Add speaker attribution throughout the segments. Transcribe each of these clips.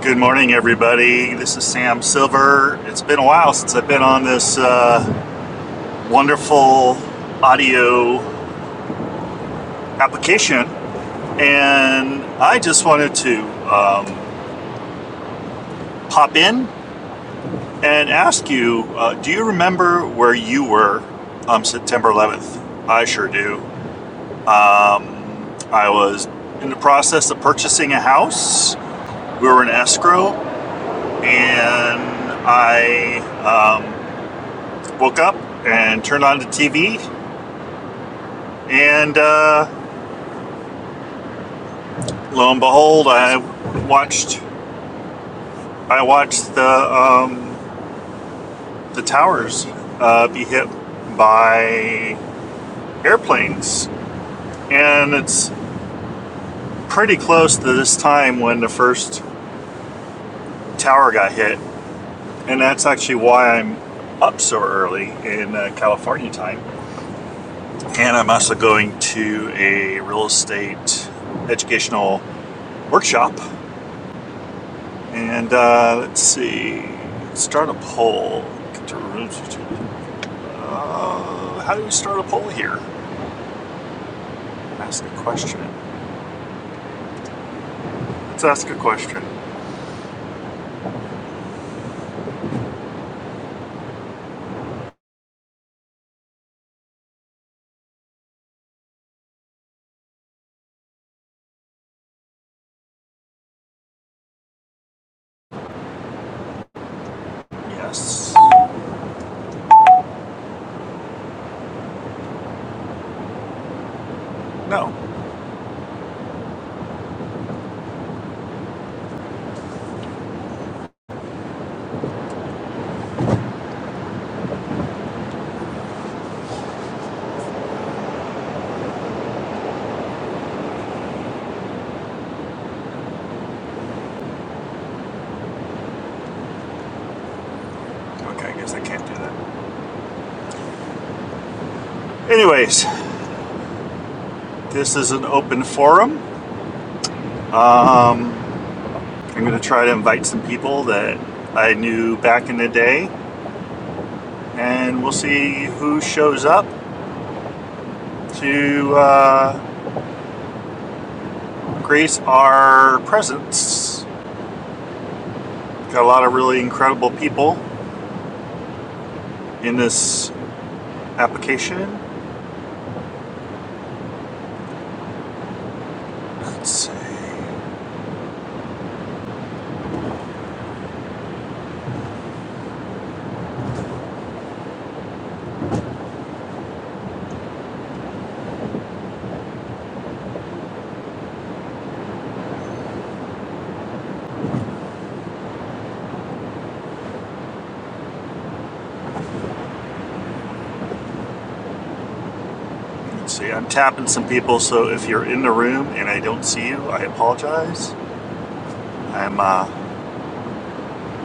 Speaker 1: Good morning, everybody. This is Sam Silver. It's been a while since I've been on this uh, wonderful audio application, and I just wanted to um, pop in and ask you uh, do you remember where you were on September 11th? I sure do. Um, I was in the process of purchasing a house, we were in escrow, and I uh, woke up and turned on the TV And uh, lo and behold, I watched I watched the um, the towers uh, be hit by airplanes, and it's pretty close to this time when the first tower got hit, and that's actually why I'm up so early in uh, California time. And I'm also going to a real estate educational workshop And uh, let's see, start a poll. Uh, how do we start a poll here? Ask a question. Let's ask a question. Yes. No. Okay, I guess I can't do that. Anyways, this is an open forum. I'm going to try to invite some people that I knew back in the day, and we'll see who shows up to uh, grace our presence. Got a lot of really incredible people in this Application? Let's see. Let's see. I'm tapping some people, so if you're in the room and I don't see you, I apologize. I'm uh,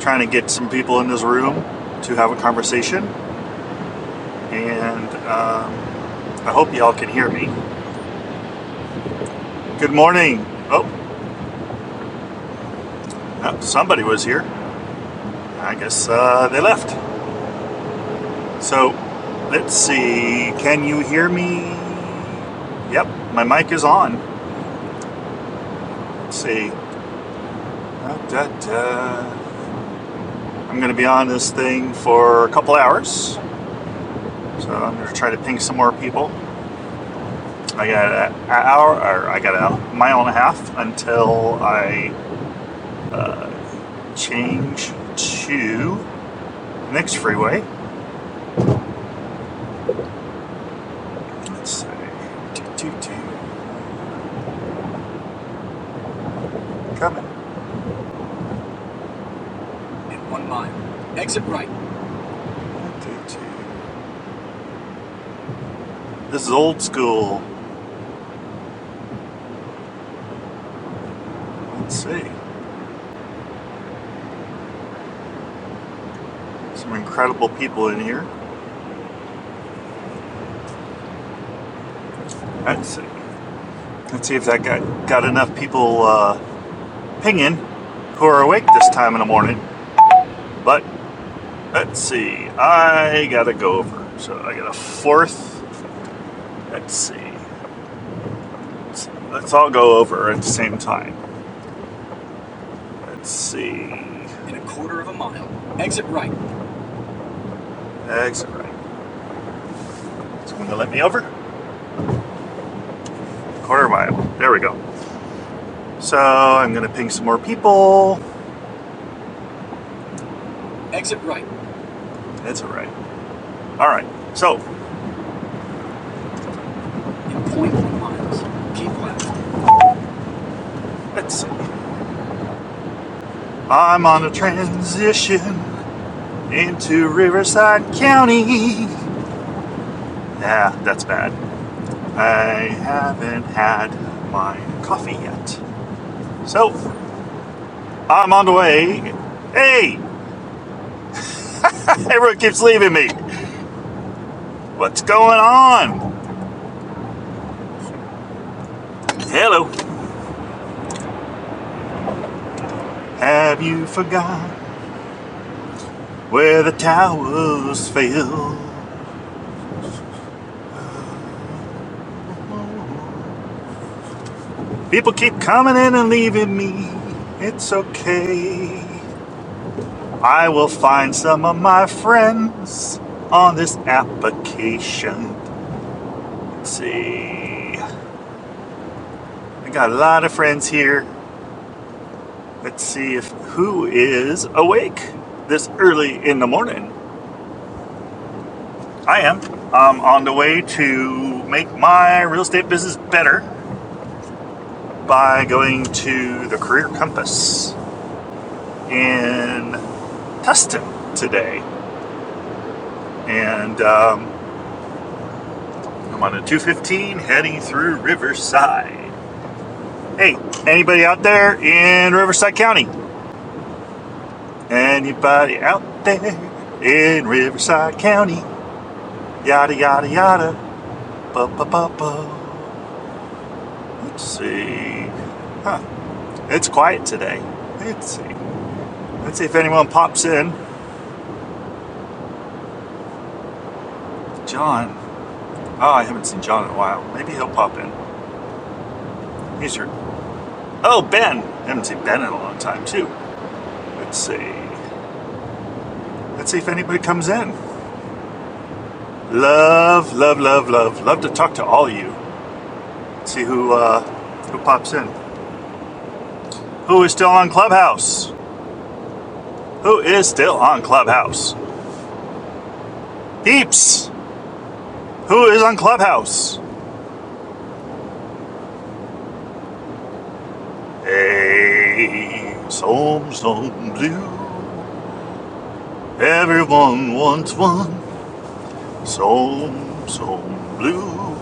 Speaker 1: trying to get some people in this room to have a conversation, and um, I hope y'all can hear me. Good morning. Oh, uh, somebody was here. I guess uh, they left. So let's see. Can you hear me? Yep, my mic is on. Let's see. Da, da, da. I'm going to be on this thing for a couple hours, so I'm going to try to ping some more people. I got an hour, or I got a mile and a half until I change to the next freeway. Let's see. Two, two, two. Coming. In one mile. Exit right. One, two, two. This is old school. Let's see. Some incredible people in here. Let's see. Let's see if that got, got enough people uh, pinging who are awake this time in the morning. But let's see, I gotta go over. So I got a fourth. Let's see. Let's, let's all go over at the same time. Let's see. In a quarter of a mile, exit right. Exit right. It's going to let me over. Quarter mile. There we go. So I'm gonna ping some more people. Exit right. That's all right. All right. So In point 0.1 miles, keep left. let's see. I'm on a transition. into Riverside County. Nah, that's bad. I haven't had my coffee yet. So, I'm on the way. Hey, everyone keeps leaving me. What's going on? Hello. Have you forgot where the towers fell? People keep coming in and leaving me. It's okay. I will find some of my friends on this application. Let's see. I got a lot of friends here. Let's see if who is awake this early in the morning. I am. I'm on the way to make my real estate business better by going to the Career Compass in Tustin today, and um, I'm on a 215 heading through Riverside. Hey, anybody out there in Riverside County? Anybody out there in Riverside County? Yada yada yada. Ba ba ba ba. Let's see. Huh. It's quiet today. Let's see. Let's see if anyone pops in. John. Oh, I haven't seen John in a while. Maybe he'll pop in. He's here. Oh, Ben. I haven't seen Ben in a long time too. Let's see. Let's see if anybody comes in. Love, love, love, love, love to talk to all of you. Let's See who uh, who pops in. Who is still on Clubhouse? Who is still on Clubhouse? Peeps! Who is on Clubhouse? Hey, some, some blue. Everyone wants one. Some, some blue.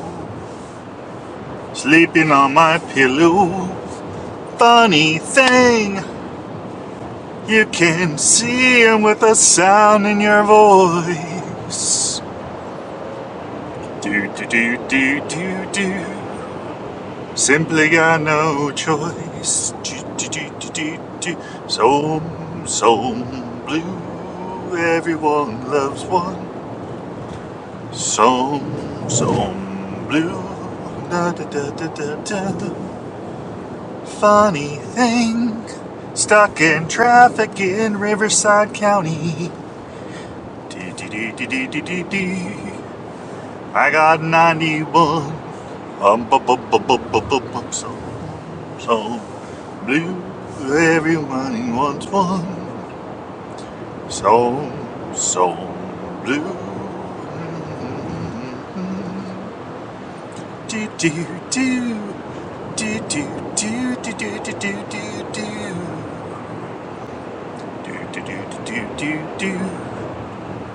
Speaker 1: Sleeping on my pillow. Funny thing, you can see him with a sound in your voice. Do, do, do, do, do, do. Simply got no choice. Do, do, So, so blue. Everyone loves one. So, so blue. Da, da, da, da, da, da. Funny thing. Stuck in traffic in Riverside County. I got 91. Um, bu- bu- bu- bu- bu- bu- bu- so, so. Blue, everyone wants one. So, so blue. Do, do, do. Do, do, do, do, do, do, do, do, do. Do, do, do, do, do, do, do.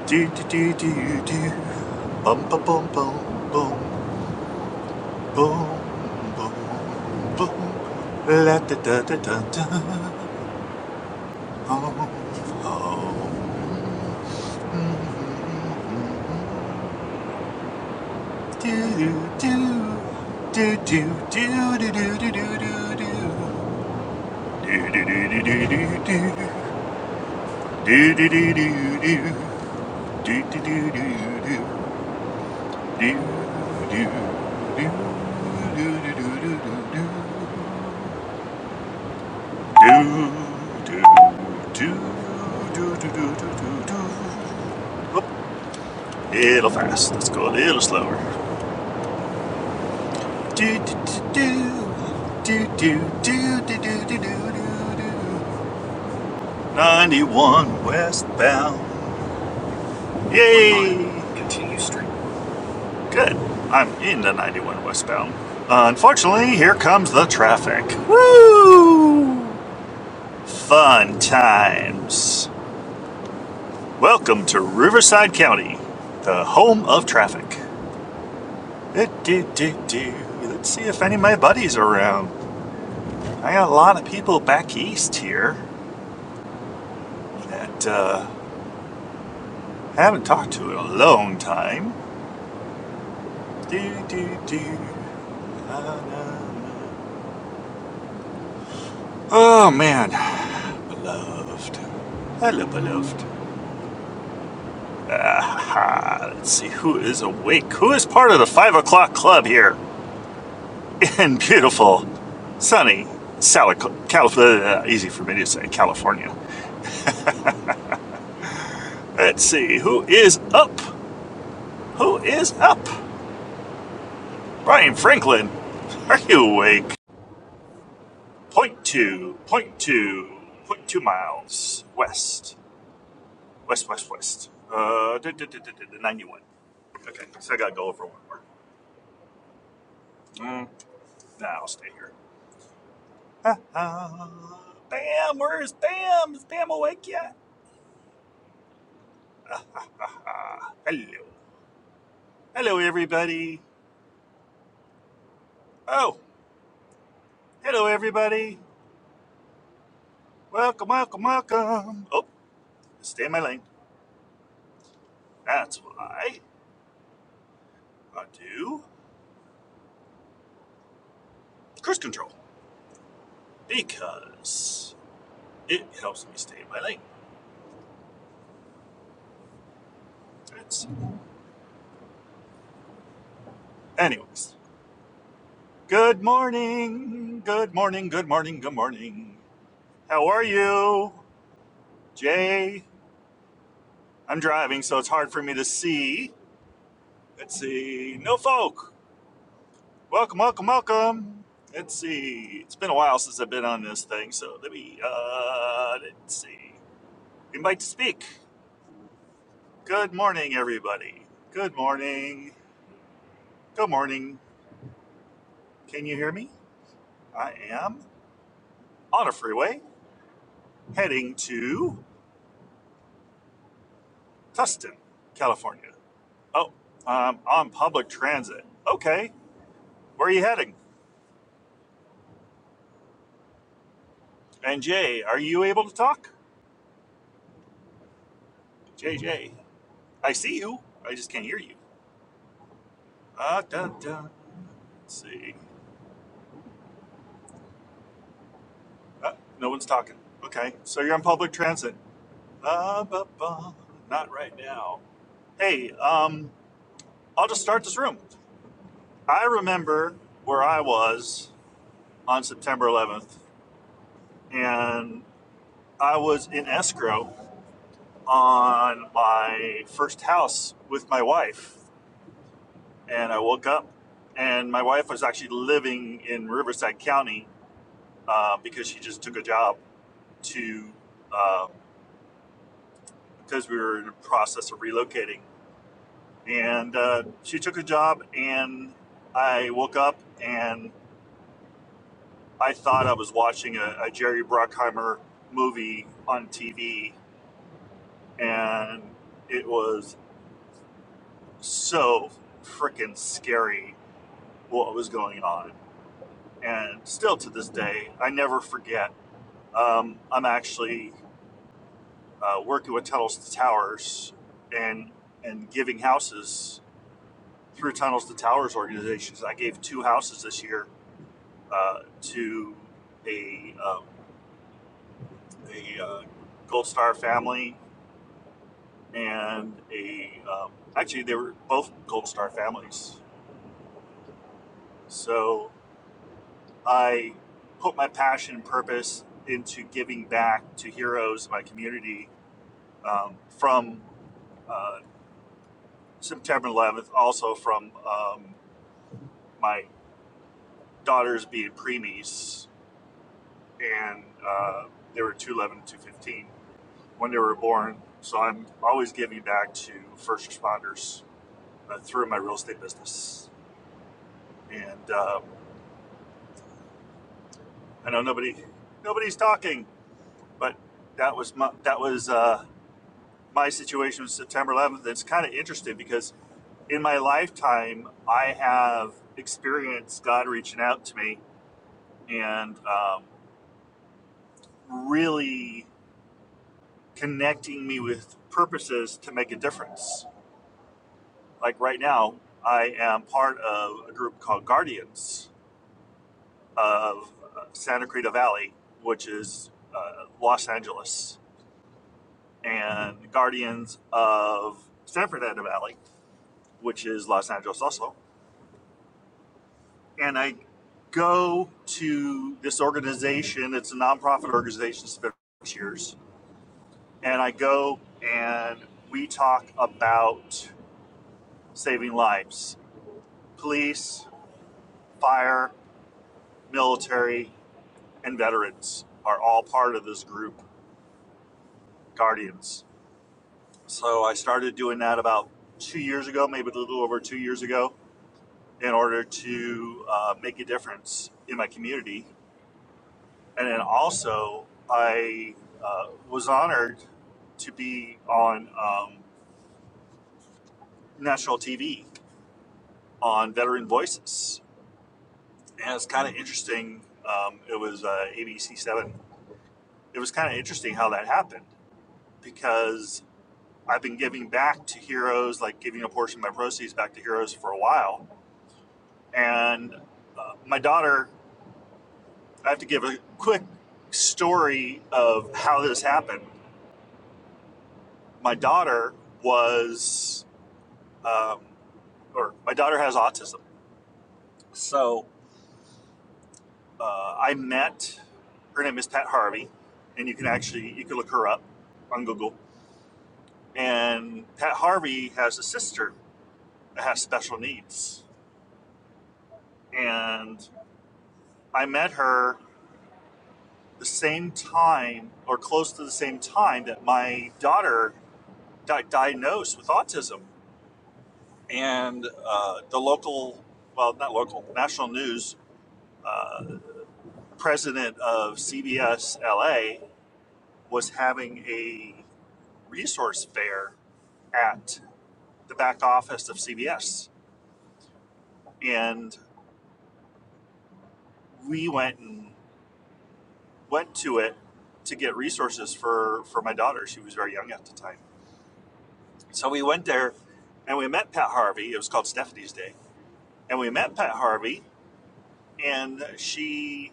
Speaker 1: Do, do, do, do, do. Bum, ba, bum, bum, bum, bum, bum, bum. La, da, da, da, da, da. Oh, oh. 91 westbound. Yay! Continue straight. Good. I'm in the 91 westbound. Unfortunately, here comes the traffic. Woo! Fun times. Welcome to Riverside County, the home of traffic. Do-do-do-do. Let's see if any of my buddies are around. I got a lot of people back east here that uh, I haven't talked to in a long time. Do, do, do. La, la, la. Oh, man. Beloved. Hello, beloved. Ah, let's see who is awake. Who is part of the 5 o'clock club here in beautiful, sunny, Sally, Calif- uh, easy for me to say, California. Let's see who is up. Who is up? Brian Franklin, are you awake? Point two, point two, point two miles west. West, west, west. Uh, duh, duh, duh, duh, duh, 91. Okay, so I gotta go over one more. Mm. Nah, I'll stay here. Uh, Bam, where is Bam? Is Bam awake yet? Ah, hello. Hello, everybody. Oh, hello, everybody. Welcome, welcome, welcome. Oh, stay in my lane. That's why I do cruise control because it helps me stay in my lane. That's, anyways. Good morning. Good morning. Good morning. Good morning. How are you, Jay? I'm driving, so it's hard for me to see. Let's see. No folk. Welcome, welcome, welcome. Let's see. It's been a while since I've been on this thing, so let me, uh, let's see. Invite to speak. Good morning, everybody. Good morning. Good morning. Can you hear me? I am on a freeway heading to Tustin, California. Oh, um, on public transit. Okay, where are you heading? And Jay, are you able to talk? JJ, I see you. I just can't hear you. Uh, da, da. Let's see. Uh, no one's talking. Okay, so you're on public transit. Uh, ba, ba. Not right now. Hey, um, I'll just start this room. I remember where I was on September 11th, and I was in escrow on my first house with my wife and I woke up, and my wife was actually living in Riverside County uh, because she just took a job to uh, because we were in the process of relocating, and uh, she took a job, and I woke up and I thought I was watching a, a Jerry Bruckheimer movie on TV, and it was so freaking scary what was going on, and still to this day I never forget Um, I'm actually uh, working with Tunnels to Towers and and giving houses through Tunnels to Towers organizations. I gave two houses this year uh, to a um, a uh, Gold Star family and a um, actually they were both Gold Star families. So I put my passion and purpose into giving back to heroes in my community um, from. Uh, September 11th, also from um, my daughters being preemies, and uh, they were 211 and 215 when they were born. So I'm always giving back to first responders uh, through my real estate business. And um, I know nobody, nobody's talking, but that was my, that was uh, my situation with September 11th. It's kind of interesting because in my lifetime, I have experienced God reaching out to me and um, really connecting me with purposes to make a difference. Like right now, I am part of a group called Guardians of Santa Cruz Valley, which is uh, Los Angeles, and Guardians of San Fernando Valley, which is Los Angeles also. And I go to this organization, it's a nonprofit organization, it's been six years. And I go and we talk about saving lives. Police, fire, military, and veterans are all part of this group, Guardians. So I started doing that about two years ago, maybe a little over two years ago, in order to uh, make a difference in my community. And then also, I uh, was honored to be on um, national TV on Veteran Voices. And it's kind of interesting. Um, it was uh, ABC 7 it was kind of interesting how that happened because I've been giving back to heroes, like giving a portion of my proceeds back to heroes for a while. And uh, my daughter, I have to give a quick story of how this happened. My daughter was, um, or my daughter has autism. So uh, I met, her name is Pat Harvey, and you can actually, you can look her up on Google. And Pat Harvey has a sister has special needs. And I met her the same time or close to the same time that my daughter got diagnosed with autism. And uh, the local, well, not local, national news uh, president of CBS LA was having a resource fair at the back office of CBS. And we went and went to it to get resources for for my daughter. She was very young at the time, so we went there and we met Pat Harvey. It was called Stephanie's Day, and we met Pat Harvey, and she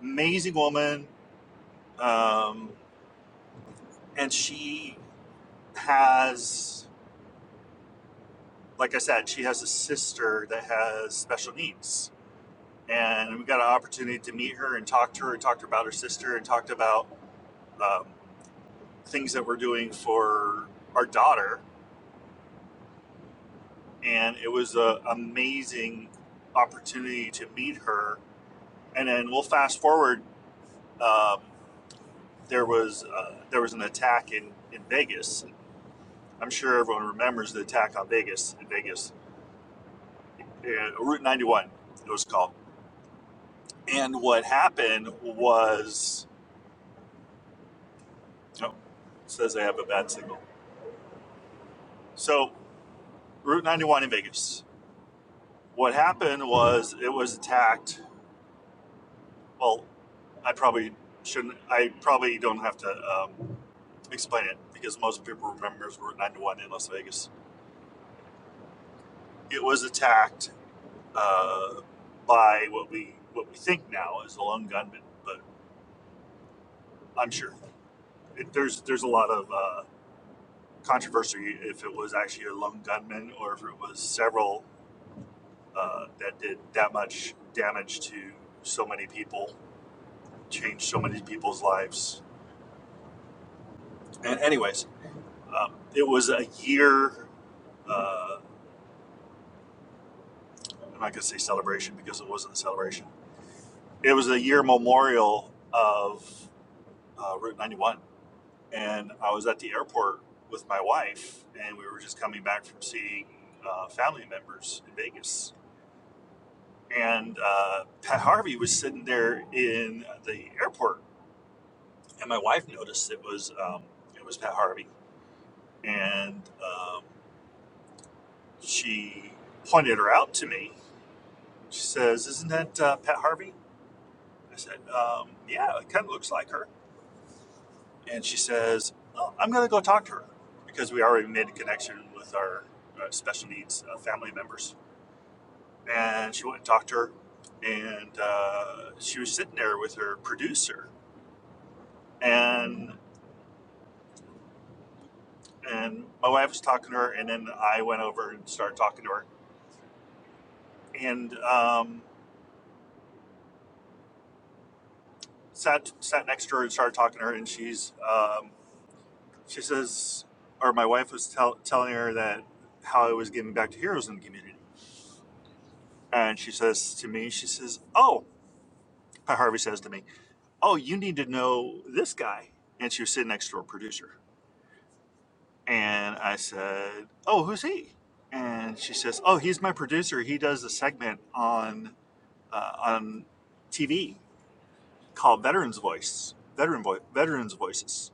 Speaker 1: amazing woman, um, and she has. Like I said, she has a sister that has special needs. And we got an opportunity to meet her and talk to her, and talk to her about her sister, and talked about um, things that we're doing for our daughter and it was an amazing opportunity to meet her. And then we'll fast forward. Um, there was uh, there was an attack in in Vegas. I'm sure everyone remembers the attack on Vegas in Vegas, uh, Route 91. It was called. And what happened was, oh, it says I have a bad signal. So Route 91 in Vegas. What happened was it was attacked Well, I probably shouldn't. I probably don't have to um, explain it because most people remembers we're at nine to one in Las Vegas. It was attacked uh, by what we what we think now is a lone gunman, but I'm sure it, there's there's a lot of uh, controversy if it was actually a lone gunman or if it was several uh, that did that much damage to so many people, changed so many people's lives. And anyways, Um, it was a year. Uh, I'm not going to say celebration because it wasn't a celebration. It was a year memorial of uh, Route 91, and I was at the airport with my wife, and we were just coming back from seeing uh, family members in Vegas. And uh, Pat Harvey was sitting there in the airport, and my wife noticed it was um, it was Pat Harvey, and um, she pointed her out to me She says, Isn't that uh, Pat Harvey? I said, um, Yeah, it kind of looks like her. And she says, well, I'm going to go talk to her because we already made a connection with our uh, special needs uh, family members. And she went and talked to her, and uh, she was sitting there with her producer. And and my wife was talking to her, and then I went over and started talking to her, and um, sat sat next to her and started talking to her. And she's um, she says, or my wife was tell, telling her that how I was giving back to heroes in the community. And she says to me, she says, Oh, Pat Harvey says to me, Oh, you need to know this guy. And she was sitting next to her producer. And I said, Oh, who's he? And she says, Oh, he's my producer. He does a segment on uh, on TV called Veterans Voice, Veteran Vo- Veterans Voices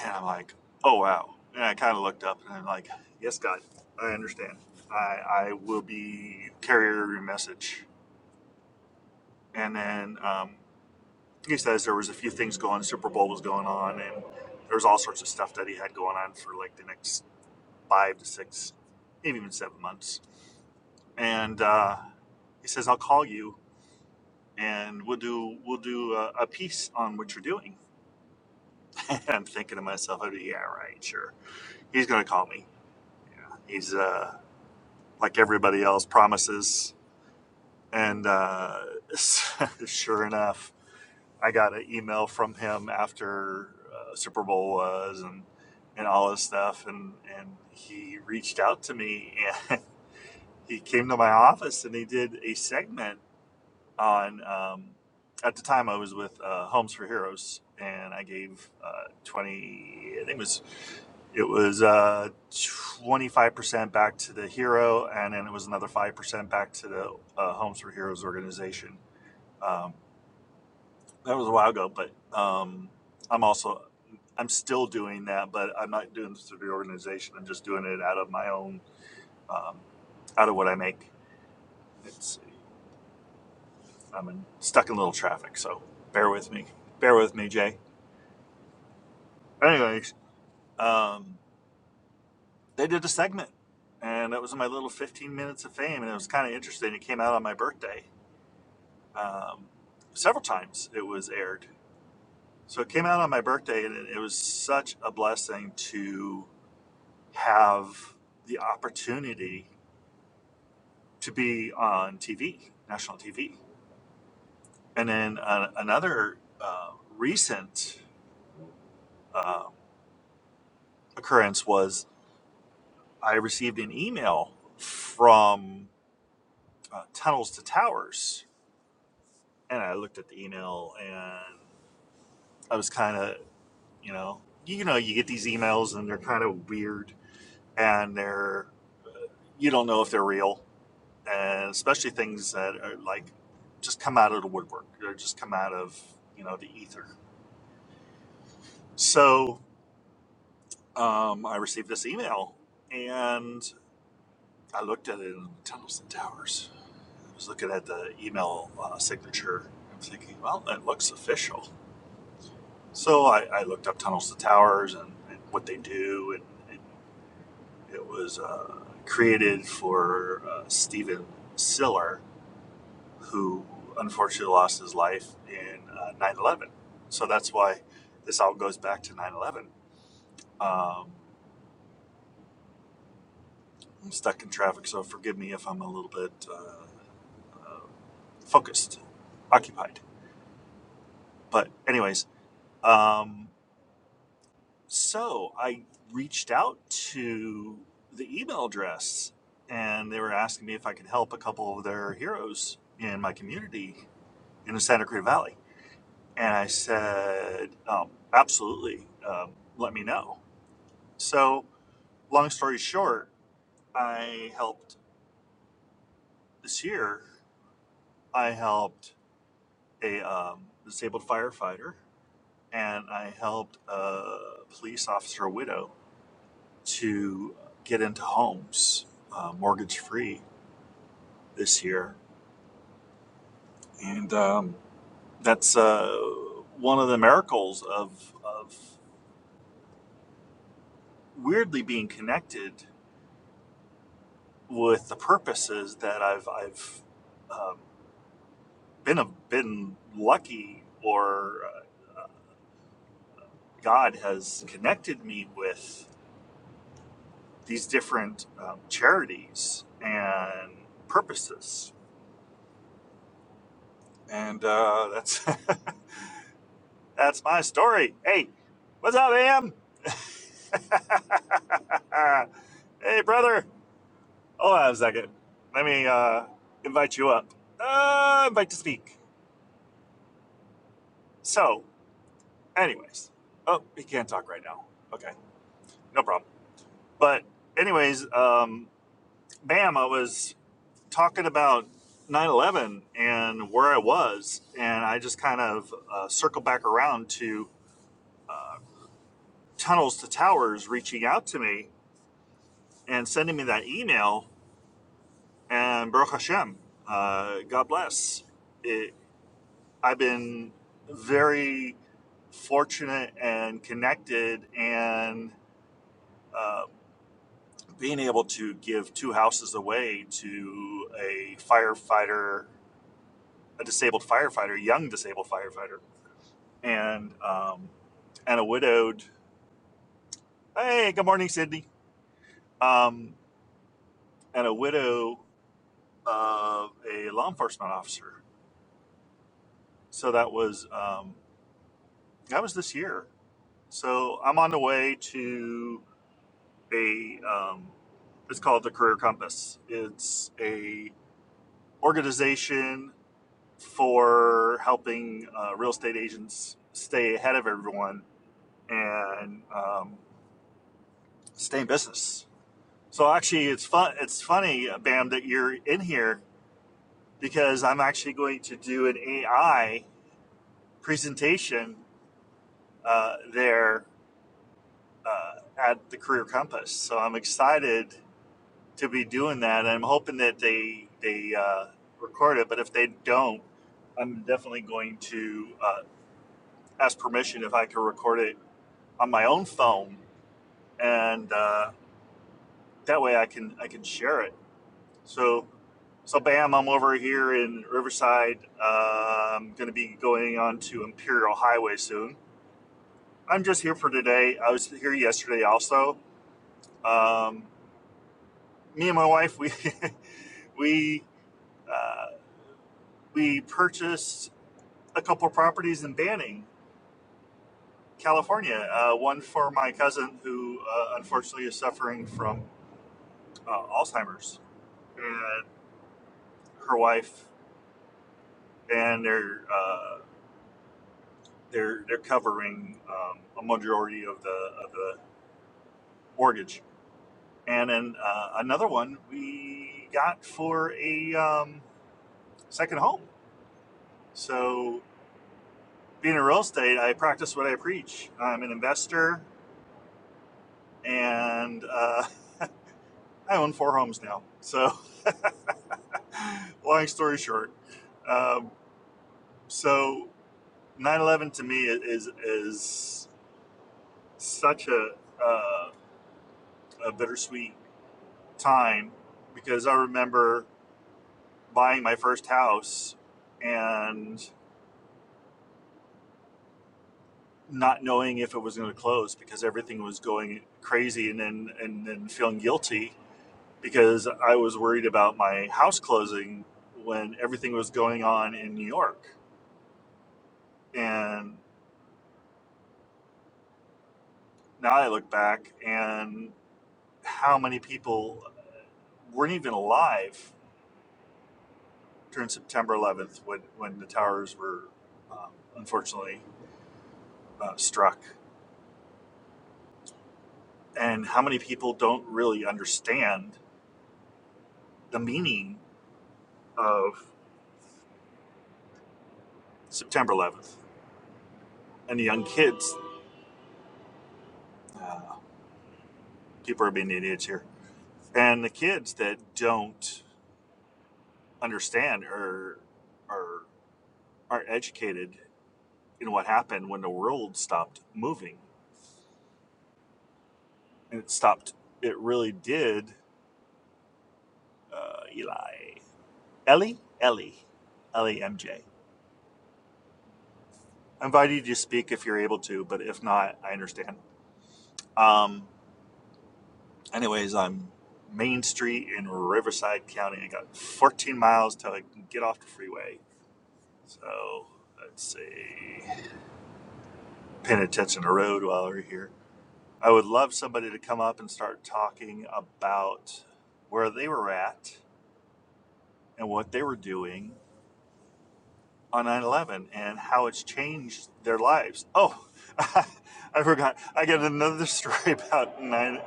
Speaker 1: And I'm like, oh, wow. And I kind of looked up and I'm like, yes, God, I understand. I, I will be carrier of your message. And then um, he says there was a few things going, Super Bowl was going on, and there was all sorts of stuff that he had going on for like the next five to six, maybe even seven months. And uh, he says, I'll call you and we'll do we'll do a, a piece on what you're doing. And I'm thinking to myself, oh, yeah, right, sure. He's going to call me. He's uh, like everybody else, promises. And uh, sure enough, I got an email from him after uh, Super Bowl was and and all this stuff, and and he reached out to me and he came to my office and he did a segment on um, at the time I was with uh, Homes for Heroes, and I gave uh, twenty. I think it was it was uh twenty five percent back to the hero, and then it was another five percent back to the uh, Homes for Heroes organization. Um, that was a while ago, but um, I'm also I'm still doing that, but I'm not doing this through the organization. I'm just doing it out of my own um, out of what I make. It's I'm in, stuck in a little traffic, so bear with me. Bear with me, Jay. Anyways, um, they did a segment, and that was my little 15 minutes of fame, and it was kind of interesting. It came out on my birthday. Um, several times it was aired. So it came out on my birthday, and it, it was such a blessing to have the opportunity to be on TV, national TV. And then uh, another uh, recent uh, occurrence was I received an email from uh, Tunnels to Towers, and I looked at the email, and I was kind of, you know, you know, you get these emails, and they're kind of weird, and they're you don't know if they're real, and especially things that are like just come out of the woodwork, or just come out of you know the ether. So um, I received this email, and I looked at it, and Tunnels and Towers. I was looking at the email uh, signature. I'm thinking, well, that looks official. So I, I looked up Tunnels to Towers and, and what they do, and, and it was uh, created for uh, Stephen Siller, who unfortunately lost his life in uh, 9/11. So that's why this all goes back to 9/11. Um, I'm stuck in traffic, so forgive me if I'm a little bit uh, focused, occupied. But anyways. Um, So I reached out to the email address and they were asking me if I could help a couple of their heroes in my community in the Santa Cruz Valley. And I said, um, absolutely, um, let me know. So, long story short, I helped this year, I helped a um, disabled firefighter and I helped a police officer widow to get into homes uh, mortgage free this year. And um, that's uh, one of the miracles of, of weirdly being connected with the purposes that I've, I've um, been, a, been lucky or uh, God has connected me with these different um, charities and purposes. And uh, that's that's my story. Hey, what's up, Am? hey, brother. Hold on a second. Let me uh, invite you up. Uh, invite to speak. So, anyways, oh, he can't talk right now. Okay, no problem. But, anyways, um, bam, I was talking about 9 11 and where I was, and I just kind of uh, circled back around to Tunnels to Towers reaching out to me and sending me that email and Baruch Hashem, uh, God bless. It, I've been very fortunate and connected, and uh, being able to give two houses away to a firefighter, a disabled firefighter, young disabled firefighter, and um, and a widowed. Hey, good morning, Sydney. Um, and a widow of a law enforcement officer. So that was um, that was this year, So I'm on the way to a um, it's called the Career Compass. It's a organization for helping uh, real estate agents stay ahead of everyone and um, stay in business. So actually, it's fun. It's funny, Bam, that you're in here because I'm actually going to do an AI presentation uh, there uh, at the Career Compass. So I'm excited to be doing that. And I'm hoping that they they uh, record it, but if they don't, I'm definitely going to uh, ask permission if I can record it on my own phone, and uh, that way I can I can share it. So so bam, I'm over here in Riverside. Uh, I'm going to be going on to Imperial Highway soon. I'm just here for today. I was here yesterday also. Um, me and my wife we we uh, we purchased a couple of properties in Banning, California. Uh, one for my cousin who uh, unfortunately is suffering from uh, Alzheimer's, and her wife, and they're uh, they're they're covering um, a majority of the of the mortgage. And then uh, another one we got for a um, second home. So being in real estate, I practice what I preach. I'm an investor, and uh, I own four homes now. So. Long story short, um, so nine eleven to me is is such a uh, a bittersweet time because I remember buying my first house and not knowing if it was going to close because everything was going crazy and then and then feeling guilty because I was worried about my house closing when everything was going on in New York and now I look back and. how many people weren't even alive during September 11th when, when the towers were um, unfortunately uh, struck, and how many people don't really understand the meaning of September 11th. And the young kids, uh, people are being idiots here, and the kids that don't understand or are, are educated in what happened when the world stopped moving. And it stopped, it really did, uh, Eli. Ellie, Ellie, Ellie MJ. I invite you to speak if you're able to, but if not, I understand. Um, anyways, I'm Main Street in Riverside County. I got 14 miles till I can get off the freeway. So let's see, paying attention to the road while we're here. I would love somebody to come up and start talking about where they were at and what they were doing on 9-11 and how it's changed their lives oh i forgot i got another story about nine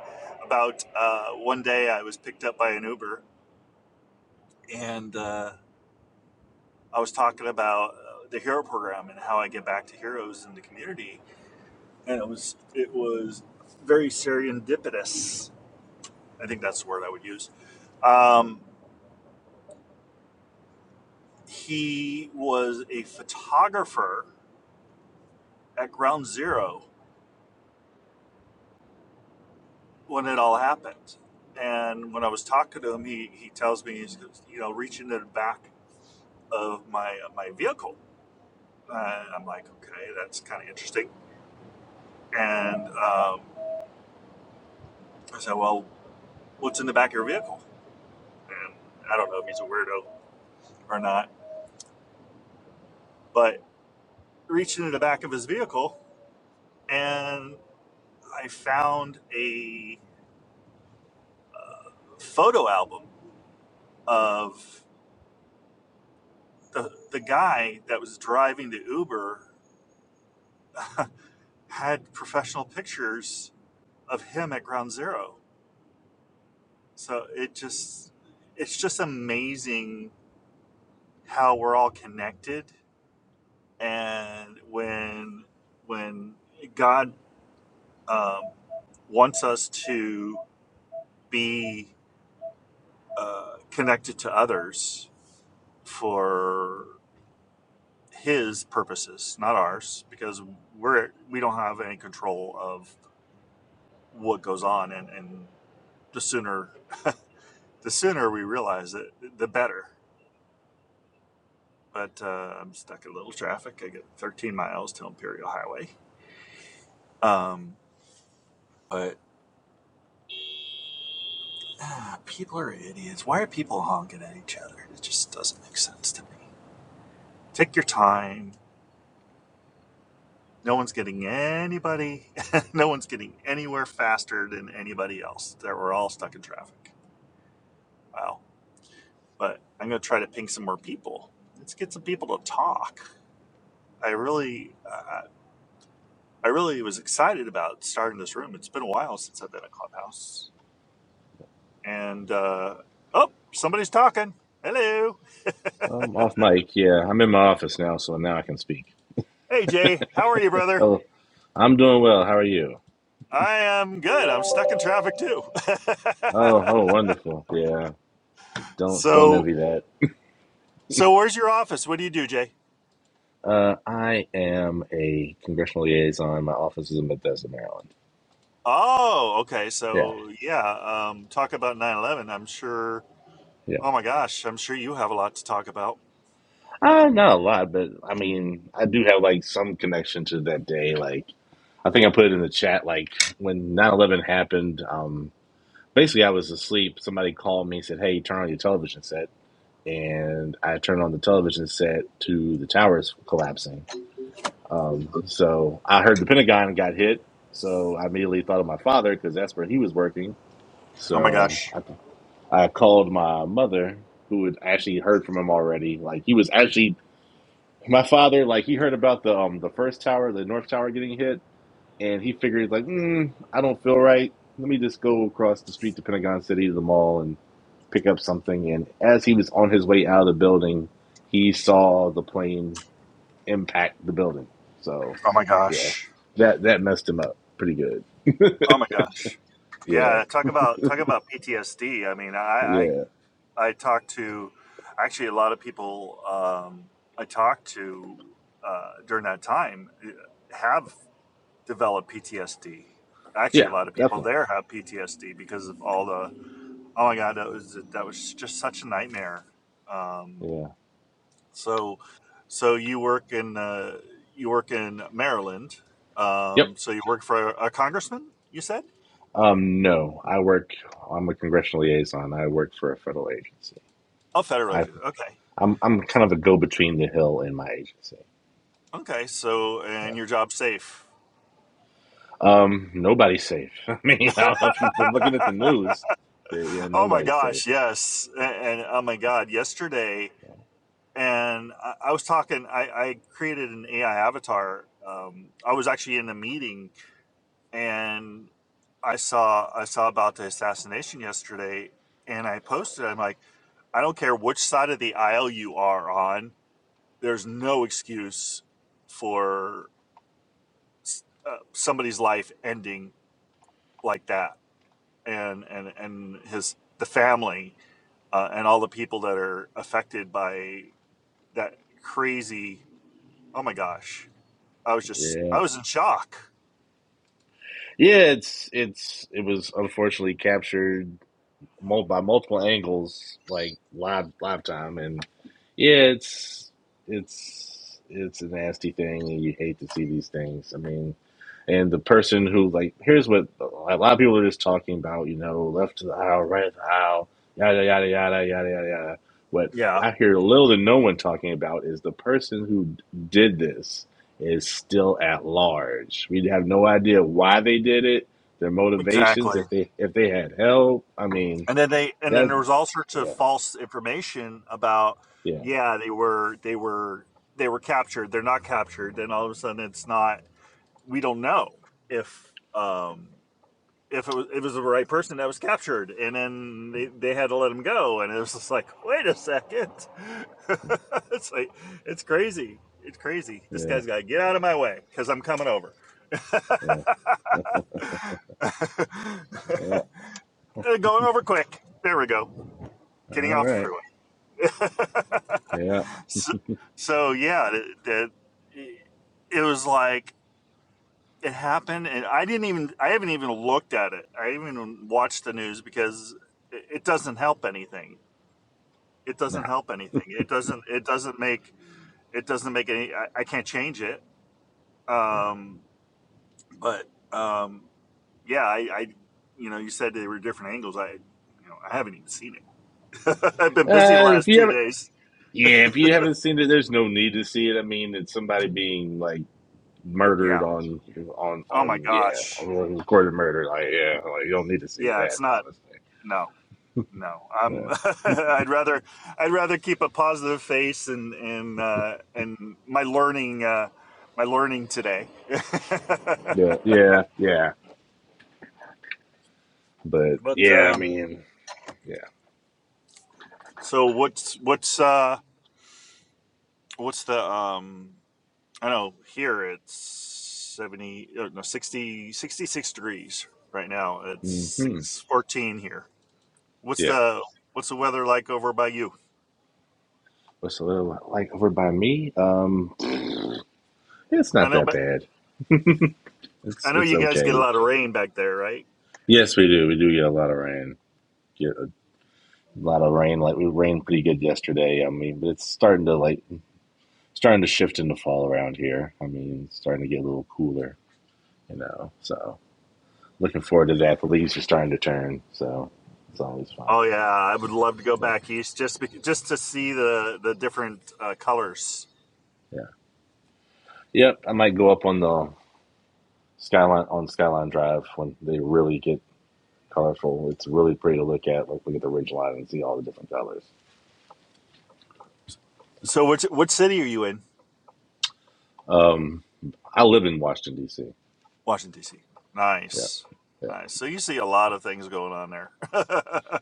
Speaker 1: about uh, one day i was picked up by an uber and uh, i was talking about uh, the hero program and how i get back to heroes in the community and it was it was very serendipitous i think that's the word i would use um, he was a photographer at ground zero when it all happened. And when I was talking to him, he, he tells me he's you know reaching in the back of my uh, my vehicle. Uh, I'm like, okay, that's kind of interesting. And um, I said, well, what's in the back of your vehicle? And I don't know if he's a weirdo or not, but reaching in the back of his vehicle, and I found a photo album of the the guy that was driving the Uber had professional pictures of him at ground zero so it just it's just amazing how we're all connected and when when god um, wants us to be uh, connected to others for his purposes not ours because we're we don't have any control of what goes on and and the sooner the sooner we realize it the better but uh, I'm stuck in little traffic. I get 13 miles to Imperial Highway. Um, but ah, people are idiots. Why are people honking at each other? It just doesn't make sense to me. Take your time. No one's getting anybody. no one's getting anywhere faster than anybody else. That we're all stuck in traffic. Wow. But I'm gonna try to ping some more people. Let's get some people to talk. I really, uh, I really was excited about starting this room. It's been a while since I've been at Clubhouse. and uh, oh, somebody's talking. Hello,
Speaker 2: Um, off mic, yeah. I'm in my office now, so now I can speak.
Speaker 1: hey Jay, how are you, brother?
Speaker 2: Hello, I'm doing well. How are you?
Speaker 1: I am good. I'm stuck in traffic too.
Speaker 2: Oh, oh, wonderful. Yeah, don't don't
Speaker 1: so,
Speaker 2: envy that.
Speaker 1: so where's your office? What do you do, Jay?
Speaker 2: Uh, I am a congressional liaison. My office is in Bethesda, Maryland.
Speaker 1: Oh, okay.
Speaker 2: Yeah,
Speaker 1: So yeah, um, talk about 9/11. I'm sure.
Speaker 2: yeah.
Speaker 1: Oh my gosh, I'm sure you have a lot to talk about.
Speaker 2: Uh, not a lot, but I mean, I do have like some connection to that day. Like, I think I put it in the chat. Like when 9/11 happened, um, basically I was asleep. Somebody called me and said, "Hey, turn on your television set." and I turned on the television set to the towers collapsing. Um, so I heard the Pentagon got hit, so I immediately thought of my father because that's where he was working.
Speaker 1: Oh my
Speaker 2: So
Speaker 1: gosh.
Speaker 2: I, I called my mother, who had actually heard from him already. Like he was actually my father. Like he heard about the um the first tower, the North Tower getting hit, and he figured like, mm, I don't feel right. Let me just go across the street to Pentagon City to the mall and pick up something, and as he was on his way out of the building, he saw the plane impact the building. So,
Speaker 1: Oh my
Speaker 2: yeah,
Speaker 1: gosh.
Speaker 2: that that messed him up pretty good.
Speaker 1: Oh my gosh.
Speaker 2: Yeah,
Speaker 1: Yeah, talk about talk about PTSD. I mean, I, I
Speaker 2: yeah,
Speaker 1: I talked to actually a lot of people um, I talked to uh, during that time uh, have developed PTSD. Actually,
Speaker 2: yeah,
Speaker 1: a lot of people
Speaker 2: definitely.
Speaker 1: there have PTSD because of all the oh my god, that was that was just such a nightmare. Um,
Speaker 2: Yeah.
Speaker 1: so, so you work in uh, you work in Maryland.
Speaker 2: Yep.
Speaker 1: Um, so you work for a, a congressman. You said
Speaker 2: Um. No, I work. I'm a congressional liaison. I work for a federal agency.
Speaker 1: a federal
Speaker 2: I
Speaker 1: agent. Okay,
Speaker 2: I'm I'm kind of a go between the Hill and my agency.
Speaker 1: okay. So and your job's safe.
Speaker 2: Um. Nobody's safe. I mean, I don't know if you've been looking at the news. Yeah, yeah
Speaker 1: Oh my
Speaker 2: nobody's safe.
Speaker 1: gosh, yes. And, and oh my God, yesterday,
Speaker 2: So,
Speaker 1: and I, I was talking, I, I created an AI avatar. Um, I was actually in a meeting and I saw I saw about the assassination yesterday and I posted, I'm like, I don't care which side of the aisle you are on, there's no excuse for s- uh, somebody's life ending like that and and and his the family uh, and all the people that are affected by that crazy. Oh my gosh, I was just
Speaker 2: Yeah.
Speaker 1: I was in shock.
Speaker 2: Yeah, it's it's it was unfortunately captured mul- by multiple angles, like live live time, and yeah, it's it's it's a nasty thing, and you hate to see these things. I mean, and the person who like here's what a lot of people are just talking about. You know, left to the aisle, right of the aisle, yada yada yada yada yada yada. What
Speaker 1: Yeah.
Speaker 2: I hear little to no one talking about is the person who did this is still at large. We have no idea why they did it, their motivations,
Speaker 1: Exactly.
Speaker 2: if they if they had help. I mean,
Speaker 1: And then they and then
Speaker 2: that
Speaker 1: there was all sorts of
Speaker 2: yeah
Speaker 1: false information about
Speaker 2: yeah
Speaker 1: yeah, they were they were they were captured, they're not captured, then all of a sudden it's not we don't know if um, if it was, it was the right person that was captured, and then they, they had to let him go, and it was just like, wait a second, it's like it's crazy, it's crazy. This
Speaker 2: yeah
Speaker 1: guy's got to get out of my way because I'm coming over.
Speaker 2: yeah. yeah. All
Speaker 1: Going over quick. There we go. Getting off the
Speaker 2: right.
Speaker 1: freeway.
Speaker 2: Yeah.
Speaker 1: so, so yeah, it, it, it was like it happened and i didn't even i haven't even looked at it i haven't even watched the news because it, it doesn't help anything it
Speaker 2: No.
Speaker 1: doesn't help anything it doesn't it doesn't make it doesn't make any i, I can't change it
Speaker 2: Yeah.
Speaker 1: um but um yeah i i you know you said they were different angles i you know i haven't even seen it i've been busy the
Speaker 2: Uh, if
Speaker 1: last
Speaker 2: you
Speaker 1: two
Speaker 2: haven't,
Speaker 1: days
Speaker 2: yeah, if you haven't seen it, there's no need to see it. I mean, it's somebody being like murdered
Speaker 1: yeah
Speaker 2: on on
Speaker 1: oh my
Speaker 2: on yeah,
Speaker 1: gosh
Speaker 2: on recorded murder. Like yeah, like you don't need to see
Speaker 1: yeah
Speaker 2: that,
Speaker 1: it's not
Speaker 2: honestly.
Speaker 1: no no
Speaker 2: Yeah.
Speaker 1: i'm i'd rather i'd rather keep a positive face and and uh and my learning uh my learning today
Speaker 2: Yeah. Yeah. Yeah. But
Speaker 1: but
Speaker 2: yeah, I
Speaker 1: um
Speaker 2: mean, yeah.
Speaker 1: so what's what's uh what's the um i don't know here it's 70 uh, no 60, 66 degrees right now it's
Speaker 2: hmm
Speaker 1: 614 here what's
Speaker 2: Yeah.
Speaker 1: the what's the weather like over by you
Speaker 2: What's a little like over by me? Um, it's
Speaker 1: i
Speaker 2: not
Speaker 1: know
Speaker 2: that
Speaker 1: but
Speaker 2: bad. It's
Speaker 1: i know
Speaker 2: it's
Speaker 1: you guys get a
Speaker 2: okay.
Speaker 1: lot of rain back there right?
Speaker 2: Yes, we do. We do get a lot of rain. Get. A lot of rain. Like we rained pretty good yesterday. I mean, but it's starting to like starting to shift into fall around here. I mean, it's starting to get a little cooler. You know, so looking forward to that. The leaves are starting to turn, so it's always fun.
Speaker 1: Oh yeah, I would love to go
Speaker 2: Yeah,
Speaker 1: back east just be, just to see the the different uh, colors.
Speaker 2: yeah, yep. I might go up on the skyline on Skyline Drive when they really get colorful. It's really pretty to look at. Like look at the ridge line and see all the different colors.
Speaker 1: So which what city are you in?
Speaker 2: Um, I live in Washington D.C.
Speaker 1: Washington D.C.
Speaker 2: Yeah,
Speaker 1: Nice,
Speaker 2: yeah.
Speaker 1: nice. So you see a lot of things going on there.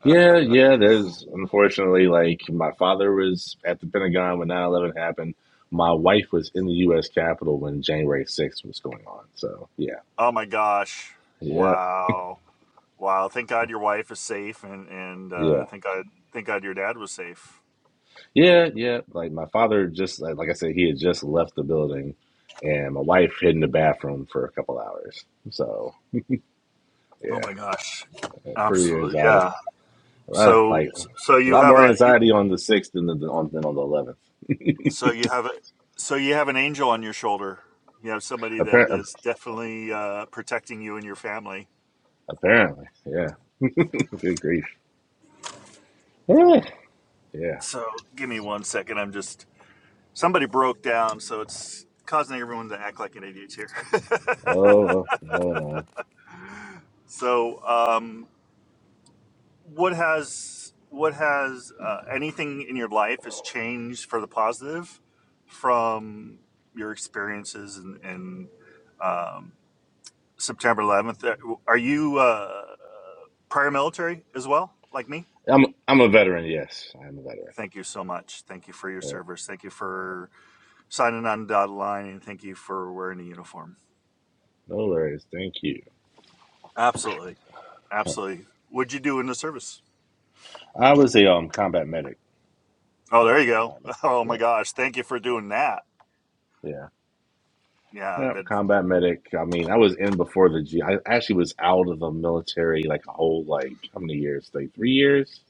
Speaker 2: Yeah, yeah, there's unfortunately like my father was at the Pentagon when nine eleven happened. My wife was in the US Capitol when January 6th was going on. So, yeah.
Speaker 1: oh my gosh!
Speaker 2: Yeah,
Speaker 1: Wow, wow. Thank God your wife is safe, and and uh,
Speaker 2: yeah.
Speaker 1: thank God thank God your dad was safe.
Speaker 2: Yeah, yeah, like my father just like, like I said he had just left the building and my wife hid in the bathroom for a couple hours. So,
Speaker 1: Oh my
Speaker 2: yeah,
Speaker 1: gosh!
Speaker 2: pretty
Speaker 1: Absolutely,
Speaker 2: anxiety.
Speaker 1: yeah.
Speaker 2: A lot,
Speaker 1: So
Speaker 2: like
Speaker 1: so
Speaker 2: a
Speaker 1: you
Speaker 2: lot
Speaker 1: have
Speaker 2: more
Speaker 1: a you
Speaker 2: anxiety on the 6th than the, on than on the 11th.
Speaker 1: So you have a, so you have an angel on your shoulder. You have somebody that
Speaker 2: Appar-
Speaker 1: is definitely uh, protecting you and your family.
Speaker 2: apparently. Yeah. Good grief. Yeah. Yeah.
Speaker 1: So give me one second. I'm just somebody broke down, so it's causing everyone to act like an idiot here.
Speaker 2: Oh no, no.
Speaker 1: so um, what has what has uh, anything in your life has changed for the positive from your experiences and, and um, September 11th? Are you? Uh, prior military as well, like me.
Speaker 2: I'm I'm a veteran. Yes, I'm a veteran.
Speaker 1: Thank you so much. Thank you for your
Speaker 2: Yeah,
Speaker 1: service. Thank you for signing on the dotted line, and thank you for wearing the uniform.
Speaker 2: no worries. Thank you.
Speaker 1: Absolutely,
Speaker 2: Huh.
Speaker 1: absolutely. What'd you do in the service?
Speaker 2: I was a um combat medic.
Speaker 1: Oh,
Speaker 2: I
Speaker 1: there
Speaker 2: was
Speaker 1: you
Speaker 2: in the
Speaker 1: go.
Speaker 2: army.
Speaker 1: Oh my
Speaker 2: Yeah,
Speaker 1: gosh, thank you for doing that.
Speaker 2: yeah,
Speaker 1: Yeah,
Speaker 2: yeah.
Speaker 1: that
Speaker 2: Combat medic. I mean, I was in before the G. I actually was out of the military like a whole like how many years? Like three years.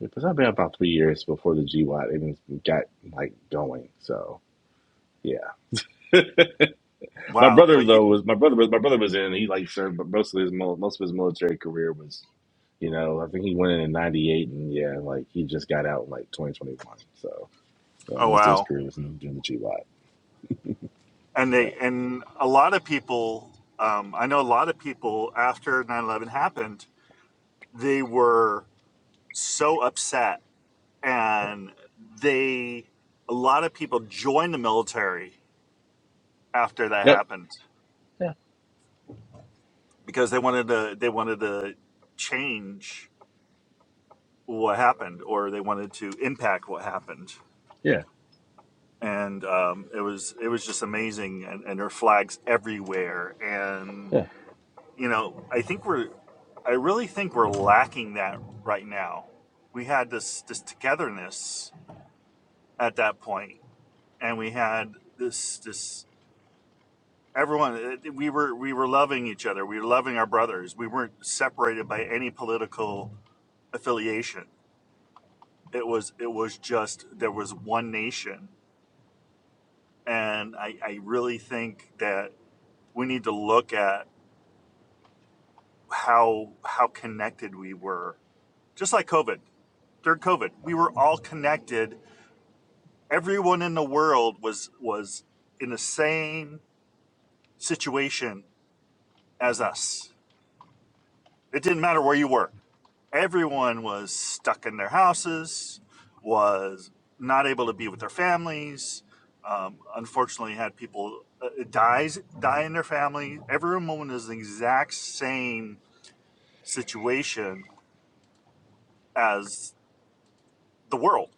Speaker 2: Because I've been about three years before the G. GWAT even got like going. So yeah. my
Speaker 1: wow.
Speaker 2: brother
Speaker 1: But you,
Speaker 2: though was my brother was my brother was in. He like served, but most of his mil- most of his military career was You know, I think he went in in '98, and yeah, like he just got out in like 2021. So yeah,
Speaker 1: oh
Speaker 2: most of his
Speaker 1: wow.
Speaker 2: career was in doing the G Live.
Speaker 1: And they
Speaker 2: Yeah.
Speaker 1: and a lot of people. Um, I know a lot of people after nine eleven happened. They were so upset
Speaker 2: Uh,
Speaker 1: and they a lot of people joined the military after that
Speaker 2: Yep.
Speaker 1: happened
Speaker 2: Yeah.
Speaker 1: because they wanted to they wanted to change what happened or they wanted to impact what happened
Speaker 2: Yeah.
Speaker 1: and um, it was it was just amazing and, and there are flags everywhere and
Speaker 2: Yeah.
Speaker 1: you know i think we're i really think we're lacking that right now we had this this togetherness at that point and we had this this everyone uh, we were we were loving each other we were loving our brothers we weren't separated by any political affiliation it was it was just there was one nation and i i really think that we need to look at how how connected we were just like covid during covid we were all connected everyone in the world was was in the same situation as us It didn't matter where you were. Everyone was stuck in their houses, was not able to be with their families. Um, unfortunately, had people uh, dies die in their family. Every woman is the exact same situation as the world.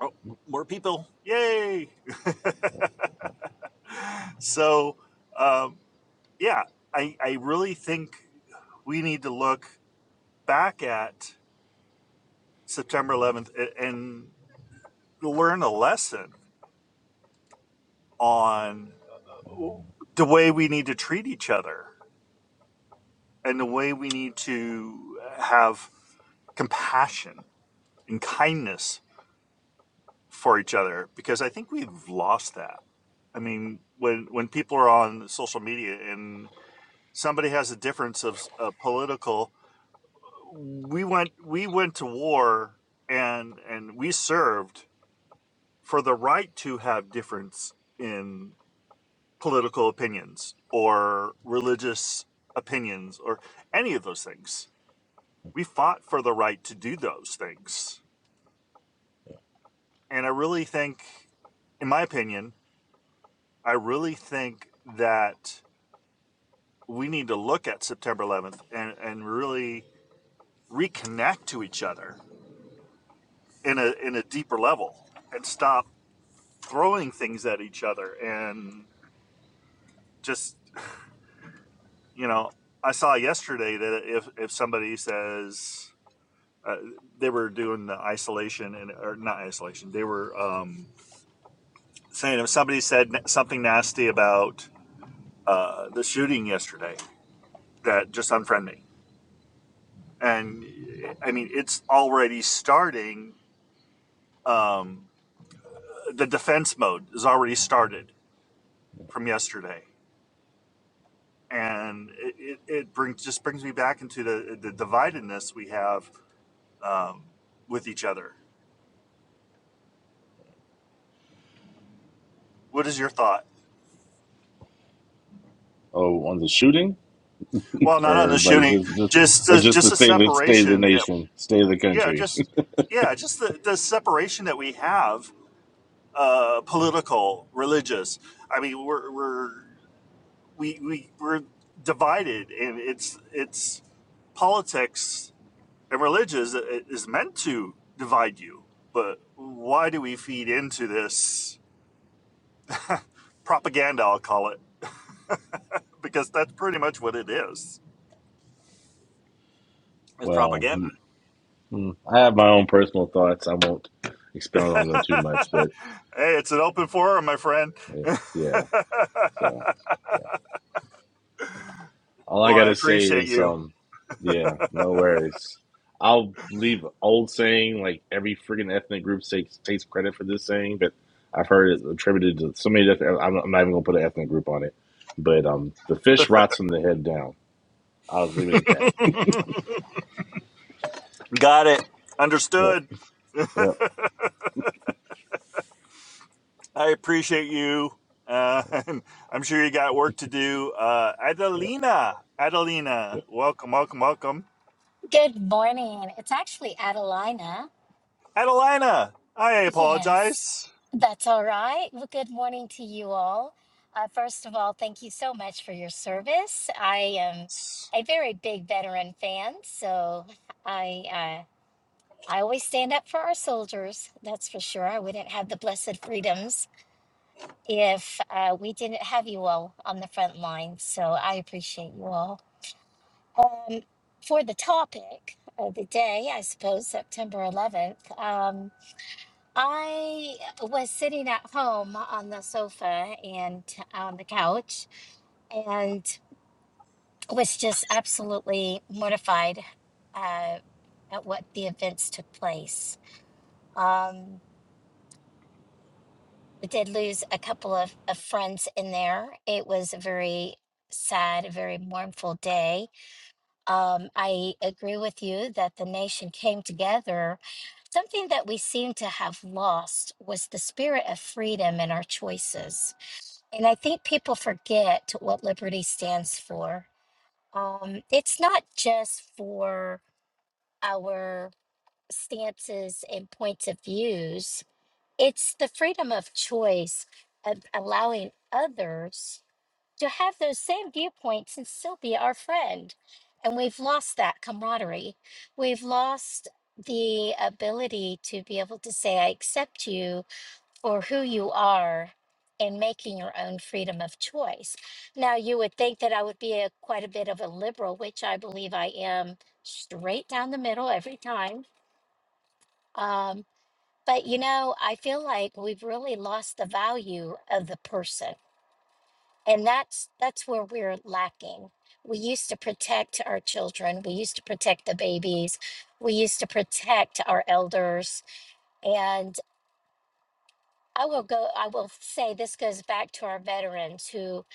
Speaker 1: Oh, more people! Yay! so, um, yeah, I, I really think we need to look back at September 11th and learn a lesson on the way we need to treat each other and the way we need to have compassion and kindness for each other because I think we've lost that. I mean, when when people are on social media and somebody has a difference of uh, political, we went we went to war and and we served for the right to have difference in. political opinions or religious opinions or any of those things. We fought for the right to do those things. And I really think, in my opinion, I really think that we need to look at September 11th and, and really reconnect to each other in a, in a deeper level and stop throwing things at each other and just, you know, I saw yesterday that if, if somebody says, uh, they were doing the isolation and or not isolation. They were um, saying if somebody said something nasty about uh, the shooting yesterday, that just unfriend me. And I mean, it's already starting. Um, the defense mode is already started from yesterday, and it, it, it brings just brings me back into the the dividedness we have um, with each other. What is your thought?
Speaker 2: Oh, on the shooting,
Speaker 1: Well, not on
Speaker 2: or
Speaker 1: the
Speaker 2: like
Speaker 1: shooting,
Speaker 2: just just
Speaker 1: just
Speaker 2: or
Speaker 1: a,
Speaker 2: just
Speaker 1: just
Speaker 2: the
Speaker 1: a
Speaker 2: state of the state of the
Speaker 1: separation.
Speaker 2: nation, state of the
Speaker 1: yeah
Speaker 2: country.
Speaker 1: just yeah just the, the separation that we have uh political religious i mean we're we're we, we we're divided and it's it's politics and religious i- is meant to divide you but why do we feed into this propaganda i'll call it because that's pretty much what it is
Speaker 2: Well, mm, mm, I have my own personal thoughts. I won't expound
Speaker 1: hey
Speaker 2: on them too much, but
Speaker 1: it's an open forum my friend
Speaker 2: yeah, yeah. So. yeah. All I
Speaker 1: well i
Speaker 2: gotta say
Speaker 1: appreciate
Speaker 2: is,
Speaker 1: you
Speaker 2: um, yeah, no worries. I'll leave old saying like every freaking ethnic group takes takes credit for this saying, but I've heard it attributed to so many different. I'm, I'm not even gonna put an ethnic group on it, but um, the fish rots from the head down. I'll just leave it at that.
Speaker 1: Got it.
Speaker 2: Yep,
Speaker 1: Understood.
Speaker 2: yep,
Speaker 1: I appreciate you. Uh, I'm sure you got work to do. Uh, Adelina, Adelina, welcome, welcome, welcome.
Speaker 3: Good morning. It's actually Adelina.
Speaker 1: Adelina, I
Speaker 3: Yes,
Speaker 1: apologize.
Speaker 3: that's all right. Well, good morning to you all. Uh, first of all, thank you so much for your service. I am a very big veteran fan, so I uh, I always stand up for our soldiers. That's for sure. I wouldn't have the blessed freedoms if uh, we didn't have you all on the front line. So I appreciate you all. um, for the topic of the day, I suppose September 11th, um, I was sitting at home on the sofa and on the couch and was just absolutely mortified uh, at what the events took place. Um, I did lose a couple of, of friends in there. It was a very sad, very mournful day. Um, I agree with you that the nation came together Something that we seem to have lost was the spirit of freedom in our choices. And I think people forget what liberty stands for. Um, it's not just for our stances and points of views, it's the freedom of choice of allowing others to have those same viewpoints and still be our friend. And we've lost that camaraderie. We've lost the ability to be able to say, I accept you for who you are and making your own freedom of choice. Now, you would think that I would be a, quite a bit of a liberal, which I believe I am straight down the middle every time. Um, but, you know, I feel like we've really lost the value of the person and that's that's where we're lacking we used to protect our children we used to protect the babies we used to protect our elders and i will go i will say this goes back to our veterans who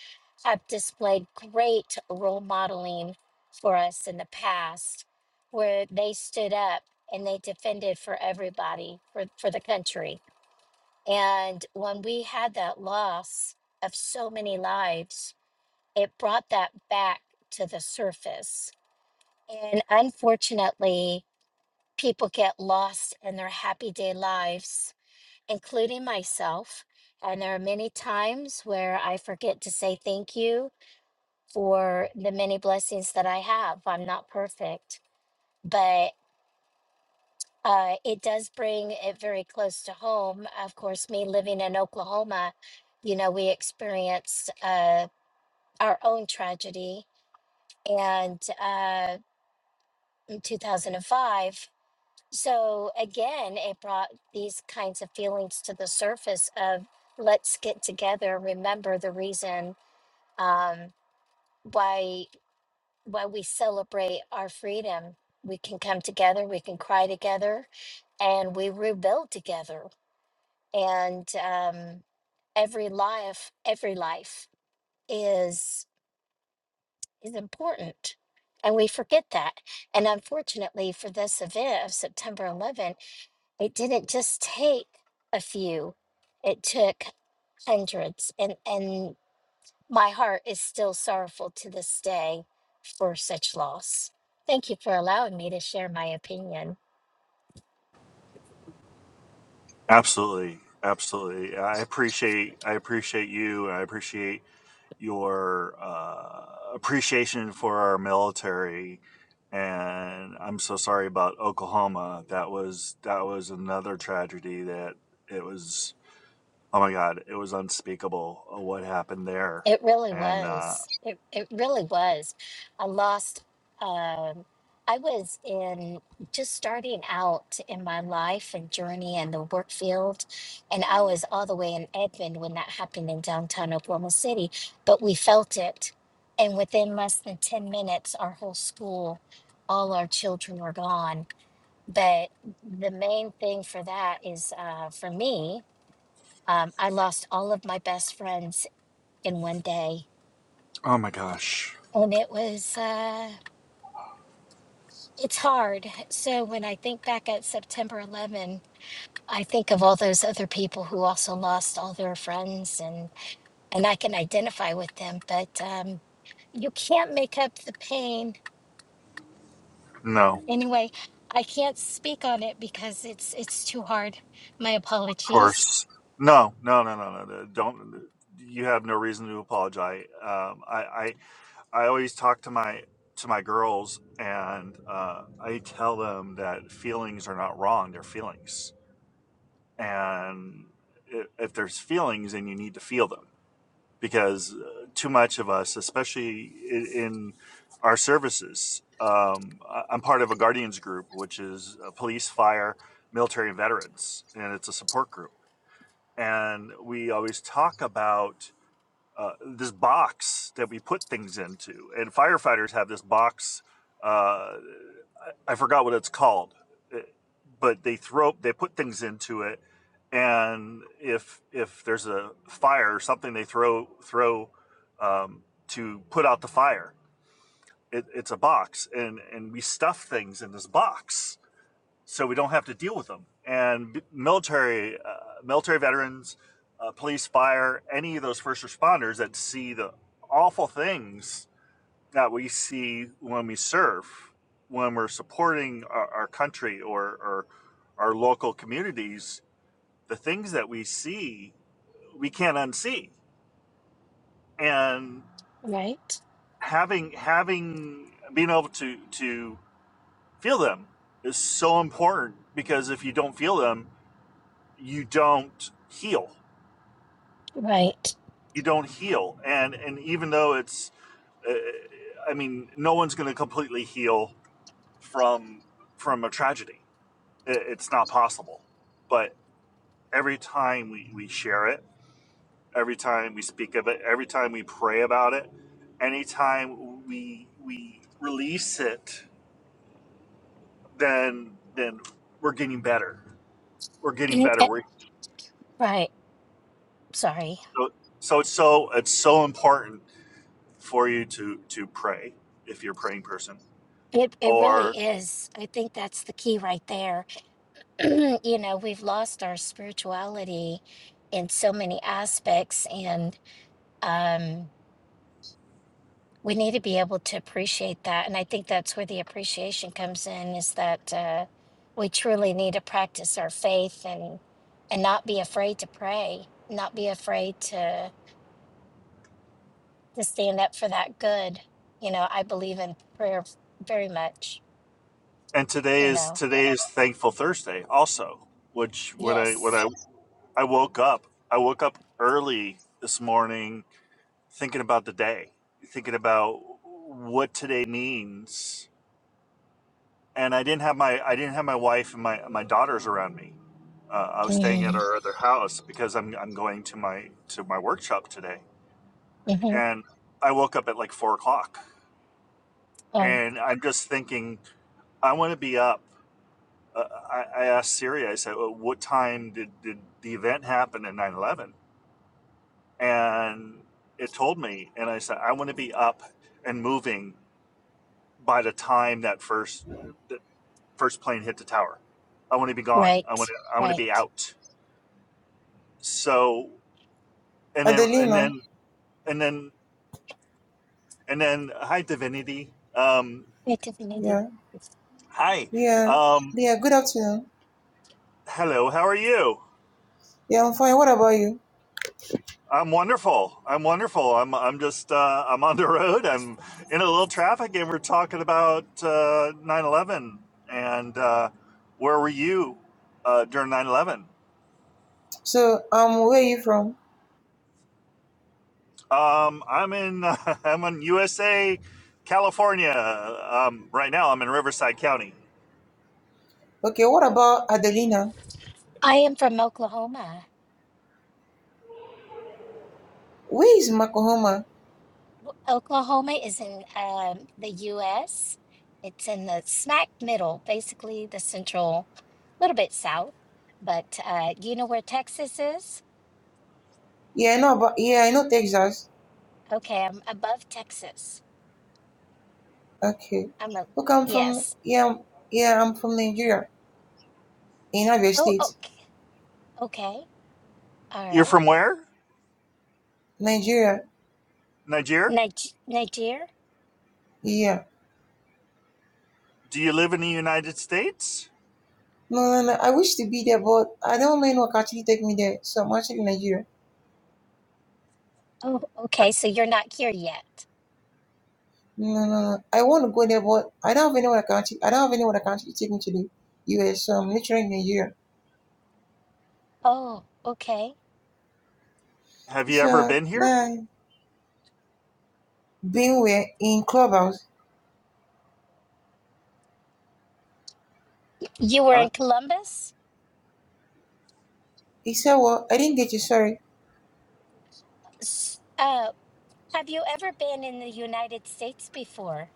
Speaker 3: have displayed great role modeling for us in the past where they stood up and they defended for everybody for, for the country and when we had that loss of so many lives it brought that back to the surface. And unfortunately, people get lost in their happy day lives, including myself. And there are many times where I forget to say thank you for the many blessings that I have. I'm not perfect, but uh, it does bring it very close to home. Of course, me living in Oklahoma, you know, we experienced uh, our own tragedy and. uh, 2005. So again, it brought these kinds of feelings to the surface of let's get together, remember the reason um, why why we celebrate our freedom. We can come together, we can cry together, and we rebuild together. And um, every life, every life is is important, and we forget that. And unfortunately, for this event of September 11th It didn't just take a few, it took hundreds. And, and my heart is still sorrowful to this day for such loss. Thank you for allowing me to share my opinion.
Speaker 1: Absolutely, absolutely. I appreciate, I appreciate you, and I appreciate your uh, appreciation for our military. And I'm so sorry about Oklahoma. That was that was another tragedy that it was Oh my god, it was unspeakable uh, what happened there.
Speaker 3: It really
Speaker 1: And uh
Speaker 3: was. It, it really was. I lost, um, I was in just starting out in my life and journey in the work field. And I was all the way in Edmond when that happened in downtown Oklahoma City, but we felt it. And within less than 10 minutes, our whole school, all our children were gone. But the main thing for that is uh, for me, um, I lost all of my best friends in one day
Speaker 1: oh my gosh.
Speaker 3: and it was, uh, it's hard. So when I think back at September 11, I think of all those other people who also lost all their friends and, and I can identify with them, but, um, you can't make up the pain.
Speaker 1: No,
Speaker 3: Anyway, I can't speak on it because it's, it's too hard. My
Speaker 1: of
Speaker 3: apologies.
Speaker 1: course. No, no, no, no, no. no, Don't you have no reason to apologize. Um I I I always talk to my to my girls and uh I tell them that feelings are not wrong, they're feelings. And i- if there's feelings then you need to feel them because uh, too much of us, especially in, in our services, um, I- am part of a guardians group, which is uh, police, fire, military, and veterans, and it's a support group. And we always talk about uh, this box that we put things into, and firefighters have this box. Uh, I, forgot what it's called, uh, but they throw they put things into it, and if if there's a fire or something, they throw throw um, to put out the fire. It, it's a box, and and we stuff things in this box so we don't have to deal with them. And military, uh, military veterans, uh, police, fire, any of those first responders that see the awful things that we see when we serve, when we're supporting our, our country or, or our local communities, the things that we see, we can't unsee. And
Speaker 3: Right.
Speaker 1: having having being able to to feel them is so important because if you don't feel them you don't heal.
Speaker 3: Right.
Speaker 1: You don't heal, and and even though it's, uh, I mean, no one's going to completely heal from from a tragedy. It's not possible. But every time we we share it, every time we speak of it, every time we pray about it, anytime we we release it, then then we're getting better. We're getting
Speaker 3: It-
Speaker 1: better.
Speaker 3: it-
Speaker 1: We're
Speaker 3: right. Sorry.
Speaker 1: so so it's so it's so important for you to to pray if you're a praying person
Speaker 3: It, it really
Speaker 1: or
Speaker 3: is. I think that's the key right there you know, we've lost our spirituality in so many aspects, and um, we need to be able to appreciate that. And I think that's where the appreciation comes in is that uh, we truly need to practice our faith and and not be afraid to pray, not be afraid to to stand up for that good. You know, I believe in prayer very much.
Speaker 1: and today
Speaker 3: You
Speaker 1: is
Speaker 3: know,
Speaker 1: today is thankful thursday also which when i when i
Speaker 3: yes.
Speaker 1: i woke up i woke up early this morning thinking about the day thinking about what today means and i didn't have my i didn't have my wife and my my daughters around me uh, i was staying at
Speaker 3: hmm
Speaker 1: our other house because i'm i'm going to my to my workshop today
Speaker 3: hmm
Speaker 1: and i woke up at like four o'clock
Speaker 3: Oh,
Speaker 1: and I'm just thinking, I want to be up. Uh, I, I asked Siri, I said, well, what time did, did the event happen at 9 11? And it told me, and I said, I want to be up and moving by the time that first that first plane hit the tower. I want to be gone. I want
Speaker 3: right,
Speaker 1: to, I want to be
Speaker 3: right.
Speaker 1: out. So, and then, and
Speaker 4: Adelina,
Speaker 1: then, and then, and then, hi, Divinity. Um,
Speaker 3: Hey, Tiffany.
Speaker 4: yeah,
Speaker 1: hi.
Speaker 4: yeah,
Speaker 1: Um,
Speaker 4: yeah. Good afternoon.
Speaker 1: hello, how are you?
Speaker 4: Yeah, I'm fine. What about you?
Speaker 1: I'm wonderful. I'm wonderful. I'm I'm just uh, I'm on the road. I'm in a little traffic, and we're talking about uh, 9/11 and uh, where were you uh, during 9/11?
Speaker 4: So, um, where are you from?
Speaker 1: Um, I'm in I'm in USA, California. Um, right now, I'm in Riverside County.
Speaker 4: Okay, what about Adelina?
Speaker 3: I am from Oklahoma.
Speaker 4: Where is Oklahoma?
Speaker 3: W- Oklahoma is in um, the U.S. It's in the smack middle, basically the central, little bit south. But uh, do you know where Texas is?
Speaker 4: Yeah, I know about. Yeah, I know Texas.
Speaker 3: Okay, I'm above Texas.
Speaker 4: Okay.
Speaker 3: I'm a
Speaker 4: Look, I'm from.
Speaker 3: yes.
Speaker 4: Yeah, I'm- yeah, I'm from Nigeria, in Abia
Speaker 3: Oh,
Speaker 4: State,
Speaker 3: okay, okay, all
Speaker 1: You're
Speaker 3: right.
Speaker 1: from where?
Speaker 4: Nigeria.
Speaker 1: Nigeria?
Speaker 3: Nige- Niger.
Speaker 4: Yeah.
Speaker 1: Do you live in the United States?
Speaker 4: No, no, no. I wish to be there, but I don't know anyone can actually take me there. So I'm actually in Nigeria.
Speaker 3: Oh,
Speaker 1: Ha-
Speaker 3: okay. So you're not here yet.
Speaker 4: No, no, no. I want to go there, but I don't have anyone that can actually. I don't have anyone that can actually take me to the U.S. So I'm literally in Nigeria.
Speaker 3: Oh, okay.
Speaker 1: Have you ever
Speaker 4: So
Speaker 1: been here?
Speaker 4: then being where in clubhouse,
Speaker 3: You were
Speaker 1: Uh,
Speaker 3: in Columbus.
Speaker 4: he said, Well, I didn't get you, sorry.
Speaker 3: S- Uh, have you ever been in the United States before?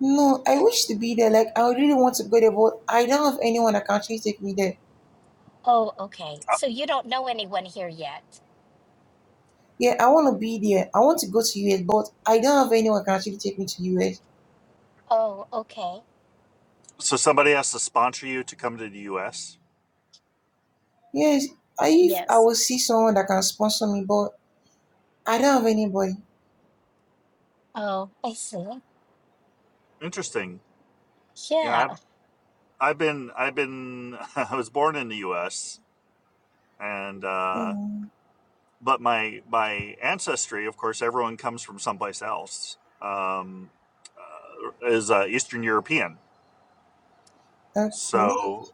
Speaker 4: No, I wish to be there. Like I really want to go there, but I don't have anyone that can actually take me there.
Speaker 3: Oh, okay. So you don't know anyone here yet.
Speaker 4: Yeah, I want to be there. I want to go to US, but I don't have anyone that can actually take me to US.
Speaker 3: Oh, okay.
Speaker 1: so somebody has to sponsor you to come to the U.S.
Speaker 4: Yes, I if I
Speaker 3: Yes.
Speaker 4: will see someone that can sponsor me, but I don't have anybody.
Speaker 3: Oh, I see.
Speaker 1: Interesting. Yeah,
Speaker 3: Yeah.
Speaker 1: I've been I've been I was born in the U.S. and uh,
Speaker 4: Mm,
Speaker 1: but my my ancestry, of course, everyone comes from someplace else. Um, uh, is uh, Eastern European,
Speaker 4: okay.
Speaker 1: so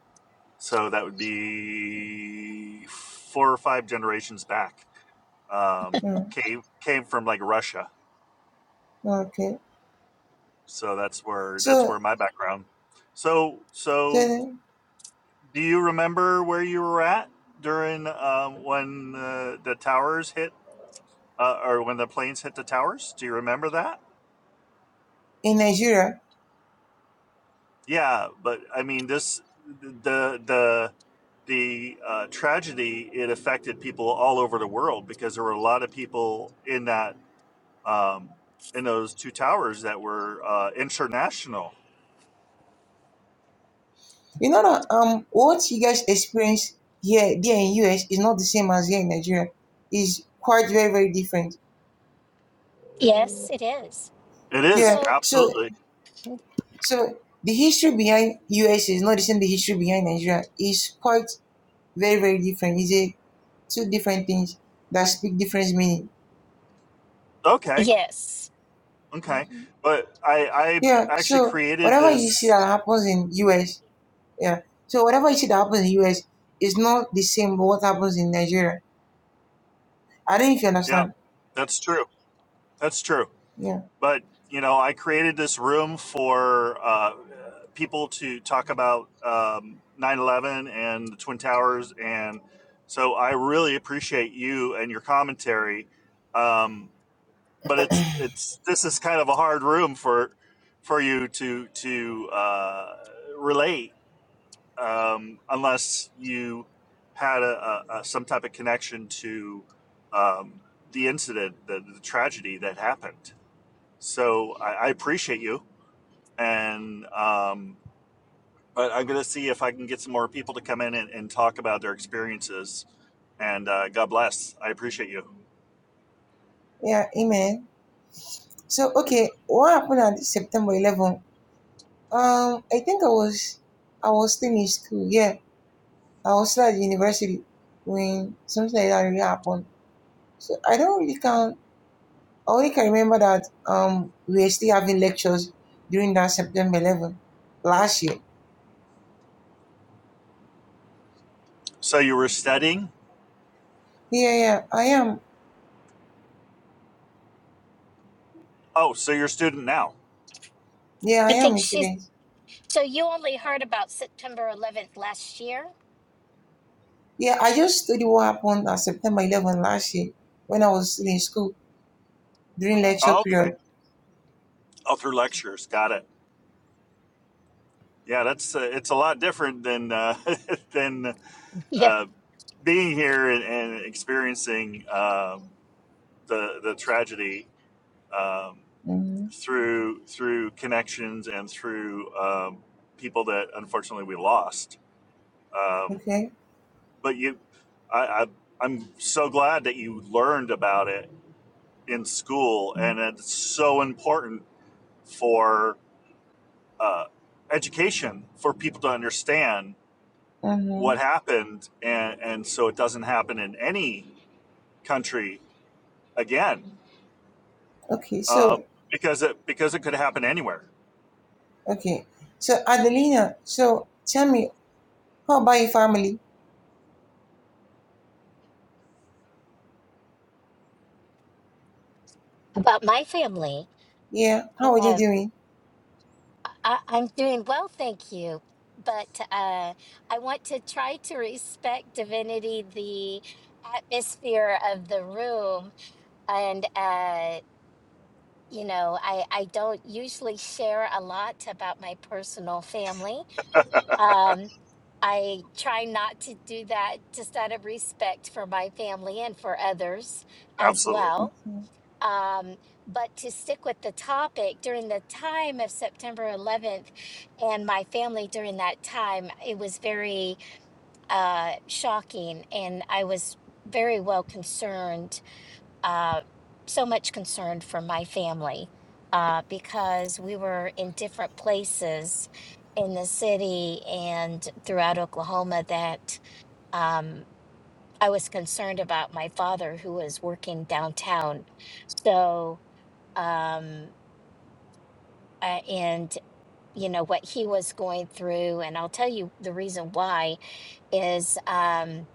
Speaker 1: so that would be four or five generations back. Um,
Speaker 4: Mm,
Speaker 1: came came from like Russia,
Speaker 4: okay.
Speaker 1: so that's where that's
Speaker 4: So
Speaker 1: where my background. So so
Speaker 4: then
Speaker 1: Do you remember where you were at during um, when uh, the towers hit, uh, or when the planes hit the towers? Do you remember that?
Speaker 4: in Nigeria.
Speaker 1: Yeah, but I mean, this the the the uh, tragedy it affected people all over the world because there were a lot of people in that um, in those two towers that were uh, international.
Speaker 4: You know that um what you guys experience here there in US is not the same as here in Nigeria. Is quite very, very different.
Speaker 3: Yes, it is.
Speaker 1: It
Speaker 4: Yeah.
Speaker 1: is
Speaker 3: So,
Speaker 4: So
Speaker 1: absolutely
Speaker 4: so the history behind US is not the same the history behind Nigeria. Is quite very, very different. It's a two different things that speak different meaning.
Speaker 1: okay,
Speaker 3: yes.
Speaker 1: okay,
Speaker 3: Mhm.
Speaker 1: but I
Speaker 4: Yeah.
Speaker 1: I actually
Speaker 4: So
Speaker 1: created
Speaker 4: whatever you see that
Speaker 1: this.
Speaker 4: happens in US, yeah. So whatever you see that happens in US is not the same what happens in Nigeria. I don't know if you
Speaker 1: Yep,
Speaker 4: understand.
Speaker 1: that's true. That's true.
Speaker 4: Yeah.
Speaker 1: But, you know, I created this room for uh, people to talk about um, 9 eleven and the Twin Towers, and so I really appreciate you and your commentary. Um, but it's it's this is kind of a hard room for for you to to uh, relate um, unless you had a, a, a some type of connection to um, the incident, the, the tragedy that happened. So I, I appreciate you, and um, but I'm going to see if I can get some more people to come in and, and talk about their experiences. And uh, God bless. I appreciate you.
Speaker 4: Yeah, amen. So okay, what happened on September 11? Um, I think I was I was still in school. Yeah, I was still at university when something like that really happened. So I don't really can I only can remember that um we were still having lectures during that September 11 last year.
Speaker 1: So you were studying.
Speaker 4: Yeah, yeah, I am.
Speaker 1: Oh, so you're a student now.
Speaker 4: Yeah, I
Speaker 3: I think
Speaker 4: am
Speaker 3: she's.
Speaker 4: actually.
Speaker 3: So you only heard about September 11th last year?
Speaker 4: Yeah, I just studied what happened on September 11 last year when I was still in school during
Speaker 3: Oh,
Speaker 4: lecture
Speaker 1: Oh,
Speaker 4: period.
Speaker 1: okay. Oh, through lectures. Got it. Yeah, that's uh, it's a lot different than uh, than
Speaker 3: yeah.
Speaker 1: uh, being here and, and experiencing um the the tragedy. Um,
Speaker 4: hmm
Speaker 1: through through connections and through um, people that unfortunately we lost. Um,
Speaker 4: Okay.
Speaker 1: but you, I, I, I'm so glad that you learned about it in school, and it's so important for uh, education for people to understand
Speaker 4: Mm-hmm.
Speaker 1: what happened, and and so it doesn't happen in any country again,
Speaker 4: Okay, so
Speaker 1: um, because it because it could happen anywhere.
Speaker 4: Okay. So Adelina, so tell me, how about your family?
Speaker 3: About my family.
Speaker 4: Yeah, how are they
Speaker 3: uh,
Speaker 4: doing?
Speaker 3: I, I'm doing well, thank you. But uh, I want to try to respect divinity, the atmosphere of the room, and uh, you know, I I don't usually share a lot about my personal family. Um, I try not to do that just out of respect for my family and for others as
Speaker 1: Absolutely.
Speaker 3: well.
Speaker 4: Okay.
Speaker 3: Um, but to stick with the topic, during the time of September 11th and my family during that time, it was very uh, shocking. And I was very well concerned, uh, so much concerned for my family uh, because we were in different places in the city and throughout Oklahoma that um, I was concerned about my father who was working downtown. So, um, uh, and you know what he was going through. And I'll tell you the reason why is um,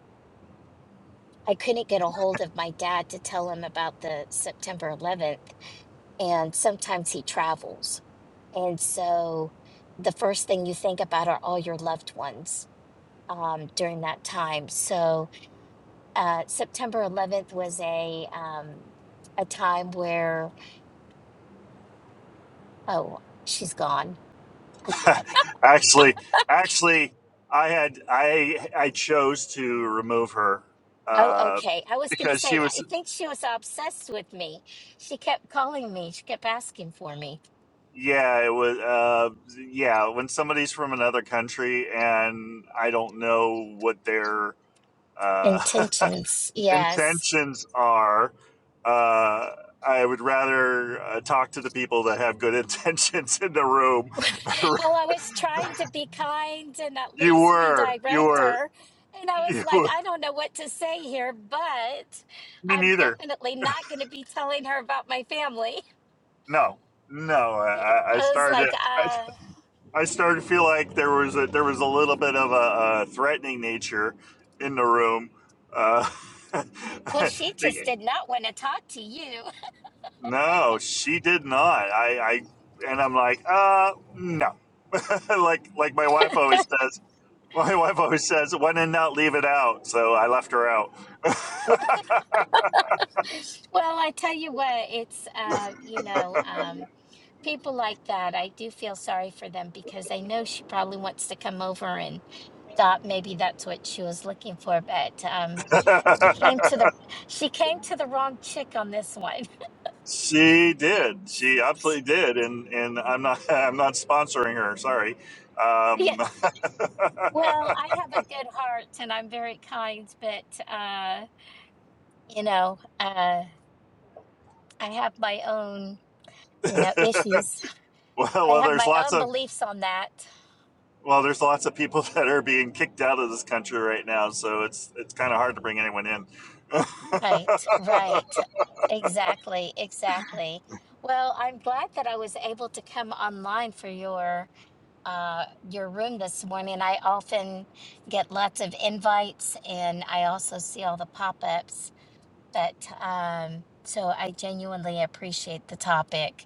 Speaker 3: I couldn't get a hold of my dad to tell him about the September 11th, and sometimes he travels, and so the first thing you think about are all your loved ones um, during that time. So uh, September 11th was a um, a time where oh she's gone
Speaker 1: Actually, actually, I had I I chose to remove her
Speaker 3: Oh,
Speaker 1: uh,
Speaker 3: okay. I was going to
Speaker 1: because she
Speaker 3: say,
Speaker 1: was
Speaker 3: I think she was obsessed with me. She kept calling me. She kept asking for me.
Speaker 1: yeah it was uh, yeah when somebody's from another country and I don't know what their uh,
Speaker 3: Intentions. Yes.
Speaker 1: intentions are. Uh, I would rather uh, talk to the people that have good intentions in the room.
Speaker 3: Well, I was trying to be kind and at
Speaker 1: you
Speaker 3: least
Speaker 1: were, you
Speaker 3: redirect
Speaker 1: were,
Speaker 3: her. And I was
Speaker 1: you
Speaker 3: like,
Speaker 1: were.
Speaker 3: I don't know what to say here, but
Speaker 1: Me
Speaker 3: I'm
Speaker 1: neither.
Speaker 3: definitely not going to be telling her about my family.
Speaker 1: No, no. I, I
Speaker 3: I was
Speaker 1: started.
Speaker 3: like,
Speaker 1: I,
Speaker 3: uh,
Speaker 1: I started to feel like there was a, there was a little bit of a, a threatening nature in the room. Uh,
Speaker 3: well, she just
Speaker 1: the-
Speaker 3: did not want to talk to you.
Speaker 1: no, she did not. I, I and I'm like, uh, no. like like my wife always says. My wife always says, "When in doubt, leave it out." So I left her out.
Speaker 3: Well, I tell you what, it's, um, you know, um, people like that, I do feel sorry for them because I know she probably wants to come over and thought maybe that's what she was looking for, but um, she came to the she came to the wrong chick on this one.
Speaker 1: she did.
Speaker 3: S-
Speaker 1: She absolutely
Speaker 3: s-
Speaker 1: did, and and I'm not I'm not sponsoring her. Sorry.
Speaker 3: yeah.
Speaker 1: Um,
Speaker 3: Well, I have a good heart and I'm very kind, but uh, you know, uh, I have my own you
Speaker 1: well,
Speaker 3: know issues. I
Speaker 1: well,
Speaker 3: have
Speaker 1: there's
Speaker 3: my
Speaker 1: lots
Speaker 3: own
Speaker 1: of
Speaker 3: beliefs on that.
Speaker 1: well, there's lots of people that are being kicked out of this country right now, so it's it's kind of hard to bring anyone in.
Speaker 3: Right, right. Exactly, exactly. Well, I'm glad that I was able to come online for your uh your room this morning. I often get lots of invites and I also see all the pop-ups, but um so I genuinely appreciate the topic.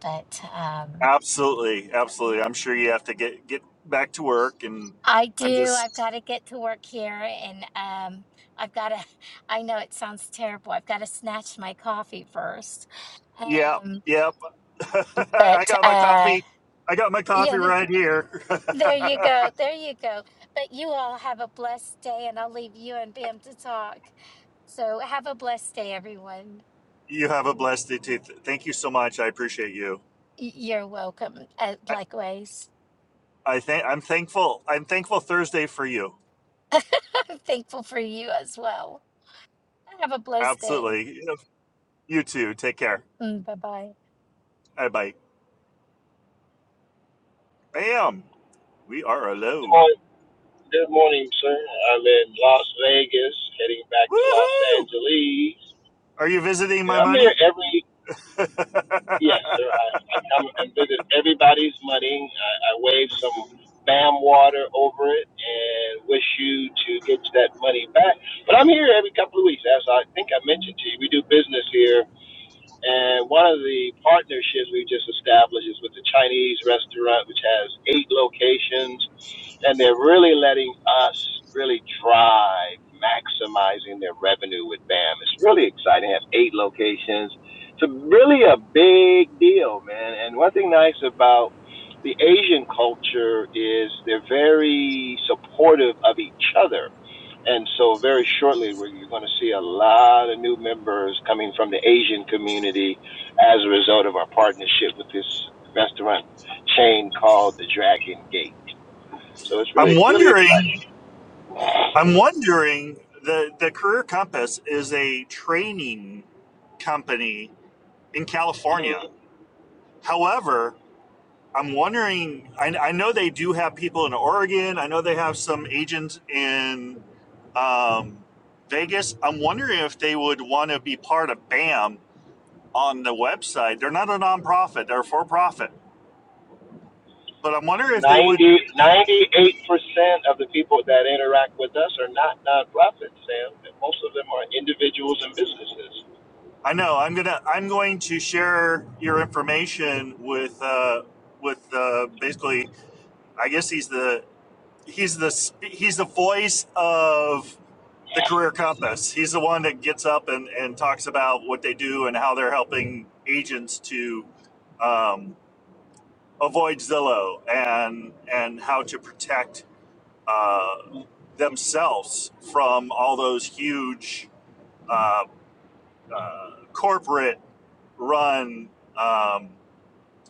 Speaker 3: But um
Speaker 1: absolutely, absolutely. I'm sure you have to get get back to work, and
Speaker 3: I
Speaker 1: I'm
Speaker 3: do. I've
Speaker 1: just
Speaker 3: got to get to work here and um I've got to I know it sounds terrible. I've got to snatch my coffee first.
Speaker 1: yeah,
Speaker 3: Um
Speaker 1: yeah. I
Speaker 3: But
Speaker 1: got my
Speaker 3: uh,
Speaker 1: coffee. I got my coffee
Speaker 3: yeah, th-
Speaker 1: right here.
Speaker 3: there you go. There you go. But you all have a blessed day, and I'll leave you and Bam to talk. So have a blessed day, everyone.
Speaker 1: you have a blessed day too. Th- Thank you so much. I appreciate you.
Speaker 3: Y- You're welcome. Uh,
Speaker 1: I,
Speaker 3: likewise,
Speaker 1: I think I'm thankful. I'm thankful Thursday for you.
Speaker 3: I'm thankful for you as well. Have a blessed day.
Speaker 1: Absolutely. You too. Take care.
Speaker 3: Bye bye.
Speaker 1: I'm like, bam, we are
Speaker 5: Good
Speaker 1: alone.
Speaker 5: morning, good morning, sir. I'm in Las Vegas, heading back to Los
Speaker 1: Woohoo!
Speaker 5: Angeles.
Speaker 1: Are you visiting my
Speaker 5: Yeah, I'm
Speaker 1: money?
Speaker 5: here every
Speaker 1: I'm
Speaker 5: yes, sir. I, I come and visit everybody's money. I, I wave some bam water over it and wish you to get that money back. But I'm here every couple of weeks, as I think I mentioned to you. We do business here, and one of the partnerships we just established is with the Chinese restaurant, which has eight locations and they're really letting us really drive maximizing their revenue with BAM. It's really exciting. It has eight locations. It's really a big deal, man. And one thing nice about the Asian culture is they're very supportive of each other. And so very shortly, we're, you're going to see a lot of new members coming from the Asian community as a result of our partnership with this restaurant chain called the Dragon Gate. So it's really, really exciting.
Speaker 1: wondering, I'm wondering, the, the Career Compass is a training company in California. However, I'm wondering, I, I know they do have people in Oregon. I know they have some agents in um, Vegas. I'm wondering if they would want to be part of BAM on the website. They're not a nonprofit; they're for profit. But I'm wondering if they would.
Speaker 5: Ninety ninety eight percent of the people that interact with us are not nonprofits, Sam. Most of them are individuals and businesses.
Speaker 1: I know I'm gonna I'm going to share your information with uh, with uh, basically. I guess he's the he's the he's the voice of the career compass. He's the one that gets up and, and talks about what they do and how they're helping agents to um, avoid Zillow and and how to protect uh, themselves from all those huge uh, uh, corporate run um,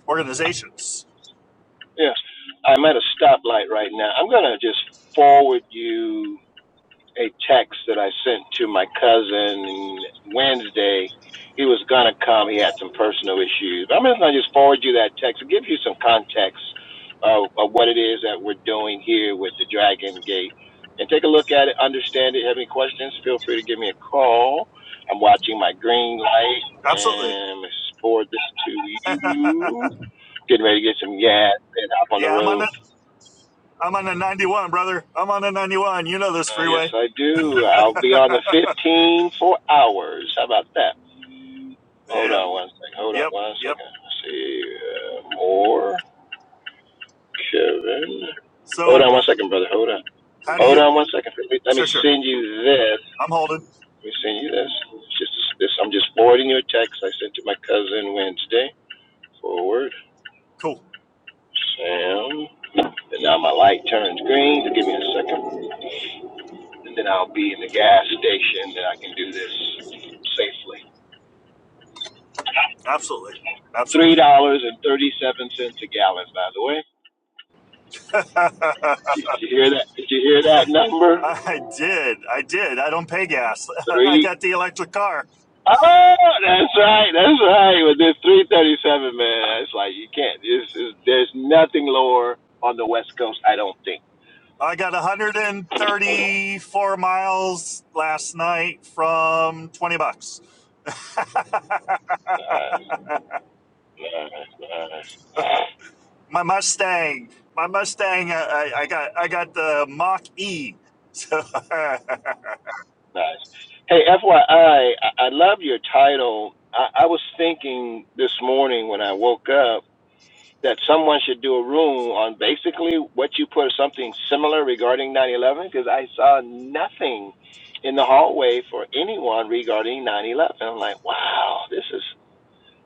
Speaker 1: organizations.
Speaker 5: Yes, I'm at a stoplight right now. I'm going to just forward you a text that I sent to my cousin Wednesday. He was gonna come. He had some personal issues. But I'm just gonna just forward you that text. It give you some context of, of what it is that we're doing here with the Dragon Gate. And take a look at it, understand it. If you Have any questions? Feel free to give me a call. I'm watching my green light
Speaker 1: Absolutely.
Speaker 5: and forward this to you. Getting ready to get some gas and hop on the
Speaker 1: Yeah, I'm on
Speaker 5: road.
Speaker 1: the I'm on the 91, brother. I'm on the 91. You know this
Speaker 5: Uh, yes,
Speaker 1: freeway.
Speaker 5: I do. I'll be on the 15 for hours. How about that? Hold on
Speaker 1: Yep.
Speaker 5: one second. Hold on
Speaker 1: Yep.
Speaker 5: one
Speaker 1: Yep.
Speaker 5: second. Let's see. Uh, more. Kevin. Hold
Speaker 1: So
Speaker 5: on one second, brother. Hold on.
Speaker 1: how do
Speaker 5: Hold
Speaker 1: you?
Speaker 5: on one second. Let me, let
Speaker 1: Sure.
Speaker 5: me
Speaker 1: Sure.
Speaker 5: send you this.
Speaker 1: I'm holding.
Speaker 5: Let me send you this. It's just this. I'm just forwarding your text I sent to my cousin Wednesday. Forward.
Speaker 1: Cool.
Speaker 5: Sam. And now my light turns green. So give me a second. And then I'll be in the gas station and I can do this safely.
Speaker 1: Absolutely.
Speaker 5: three
Speaker 1: Absolutely.
Speaker 5: dollars and thirty seven cents a gallon. By the way,
Speaker 1: I
Speaker 5: did you hear that? Did you hear that number?
Speaker 1: did. I did. I don't pay gas. I
Speaker 5: Three.
Speaker 1: got the electric car.
Speaker 5: Oh, that's right. That's right. With this three thirty seven, man, it's like you can't. It's, it's, there's nothing lower on the West Coast. I don't think.
Speaker 1: I got
Speaker 5: Oh,
Speaker 1: 134 miles last night from 20 bucks.
Speaker 5: nice, nice, nice,
Speaker 1: my Mustang, my Mustang. uh, I, I, got I got the Mach E. So
Speaker 5: nice. Hey, FYI, I, I, I love your title. I, I was thinking this morning when I woke up. that someone should do a room on basically what you put something similar regarding 9/11 because I saw nothing in the hallway for anyone regarding 9/11. I'm like, wow, this is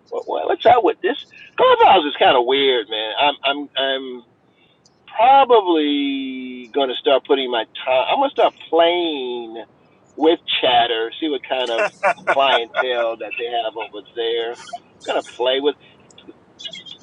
Speaker 5: what, what, what's up with this? Clubhouse is kind of weird, man. I'm I'm I'm probably gonna start putting my time. I'm gonna start playing with chatter, see what kind of clientele that they have over there. Gonna play with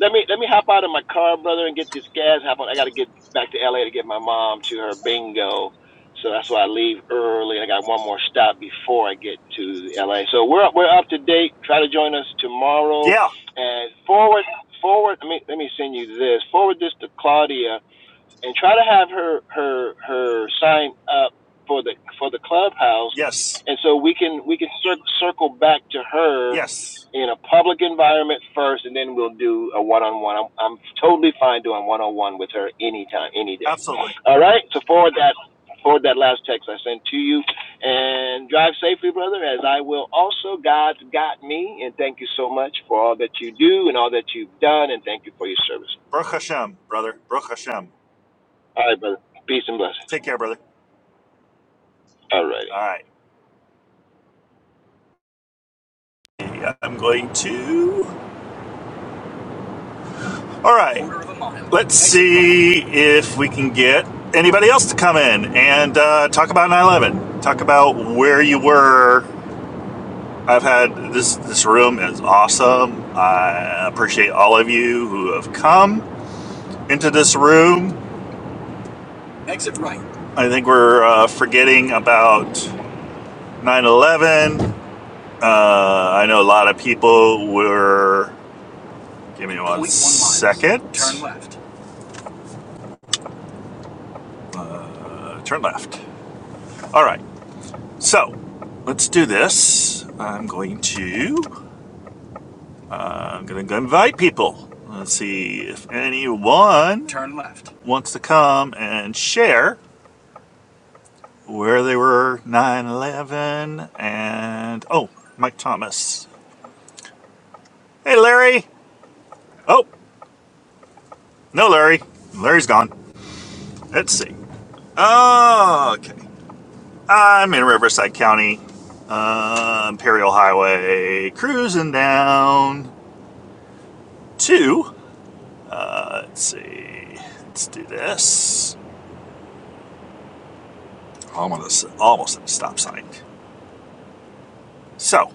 Speaker 5: let me let me hop out of my car, brother, and get this gas. Hop on. I got to get back to LA to get my mom to her bingo, so that's why I leave early. I got one more stop before I get to LA. So we're we're up to date. Try to join us tomorrow,
Speaker 1: yeah,
Speaker 5: and forward forward. I mean, let me send you this. Forward this to Claudia and try to have her her her sign up for the for the clubhouse,
Speaker 1: yes,
Speaker 5: and so we can we can cir- circle back to her
Speaker 1: yes,
Speaker 5: in a public environment first, and then we'll do a one on one. I'm I'm totally fine doing one on one with her anytime, any day.
Speaker 1: absolutely.
Speaker 5: All right, so forward that forward that last text I sent to you, and drive safely, brother, as I will also. God's got me, and thank you so much for all that you do and all that you've done, and thank you for your service.
Speaker 1: Baruch Hashem, brother. Baruch Hashem.
Speaker 5: All right, brother. Peace and blessings.
Speaker 1: Take care, brother.
Speaker 5: All right.
Speaker 1: All right, I'm going to. All right. Let's see if we can get anybody else to come in and uh, talk about 9/11. Talk about where you were. I've had this. This room is awesome. I appreciate all of you who have come into this room. Exit right. I think we're uh, forgetting about 9/11. Uh, I know a lot of people were. Give me one second. Turn left. Uh, turn left. All right. So, let's do this. I'm going to. I'm going to go invite people. Let's see if anyone Turn left. wants to come and share where they were 9 11 and. Oh, Mike Thomas. Hey, Larry! Oh, no, Larry. Larry's gone. Let's see. Oh, Okay. I'm in Riverside County, uh, Imperial Highway, cruising down to Uh, let's see. Let's do this. Almost, almost at a stop sign. So,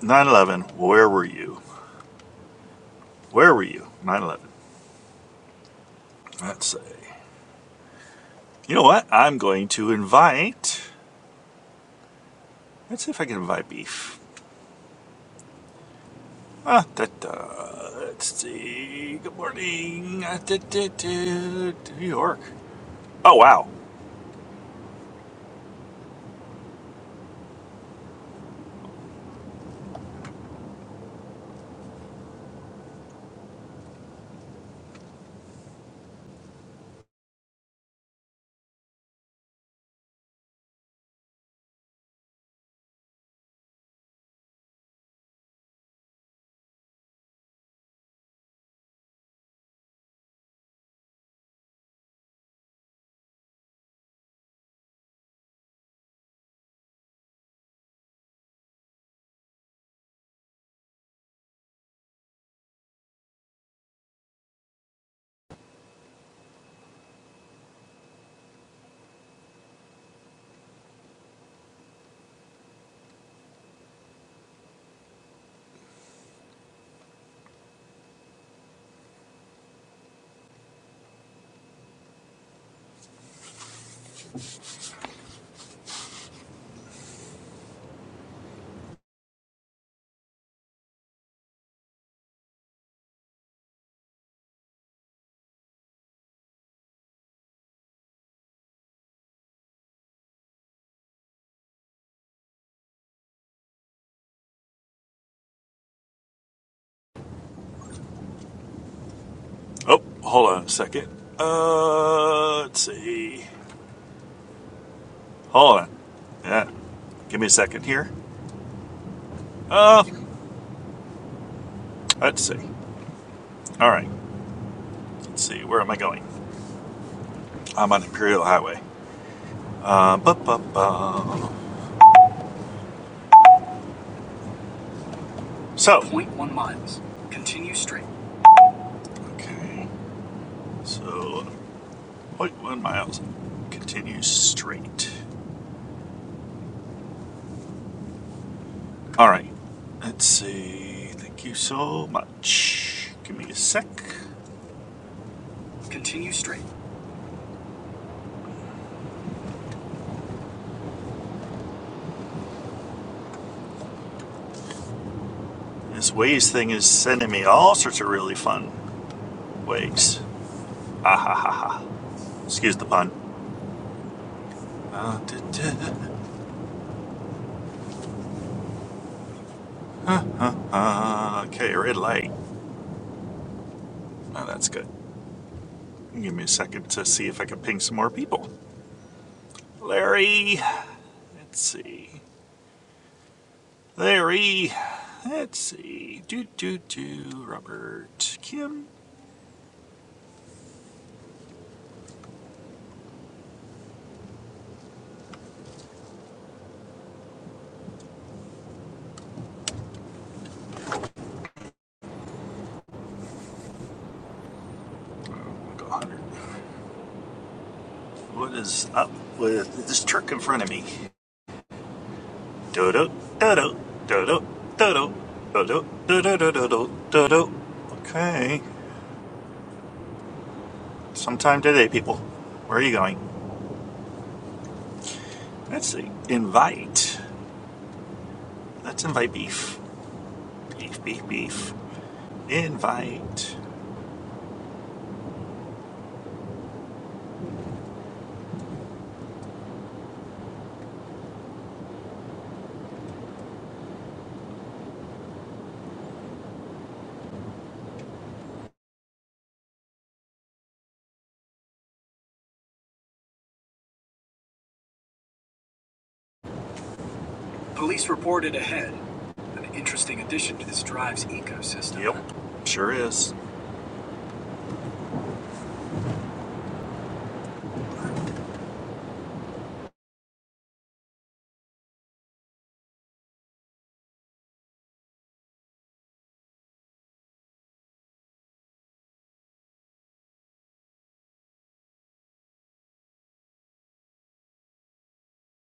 Speaker 1: nine eleven. Where were you? Where were you? Nine eleven. Let's see. You know what? I'm going to invite. Let's see if I can invite beef. Ah, that. da. Let's see. Good morning. Ah, da, da, New York. Oh wow. Oh, hold on a second. Uh, let's see. Hold on. Yeah. Give me a second here. Uh, Let's see. All right. Let's see. Where am I going? I'm on Imperial Highway. Uh, bu- bu- bu- so, zero point 0.1 miles. Continue straight. okay. So, zero point 0.1 miles. Continue straight. All right. Let's see. Thank you so much. Give me a sec. Continue straight. This Waze thing is sending me all sorts of really fun ways. Excuse the pun. Uh, duh, duh. Uh, okay, red light. Oh, that's good. Give me a second to see if I can ping some more people. Larry, let's see. Larry, let's see. Do do do. Robert, Kim, go 100. What is up with this truck in front of me? Do do do do do do do do do Okay. Sometime today, people. Where are you going? Let's see. Invite. Let's invite beef. Beef, beef, beef. Invite. Police reported ahead. An interesting addition to this drive's ecosystem. Yep, sure is.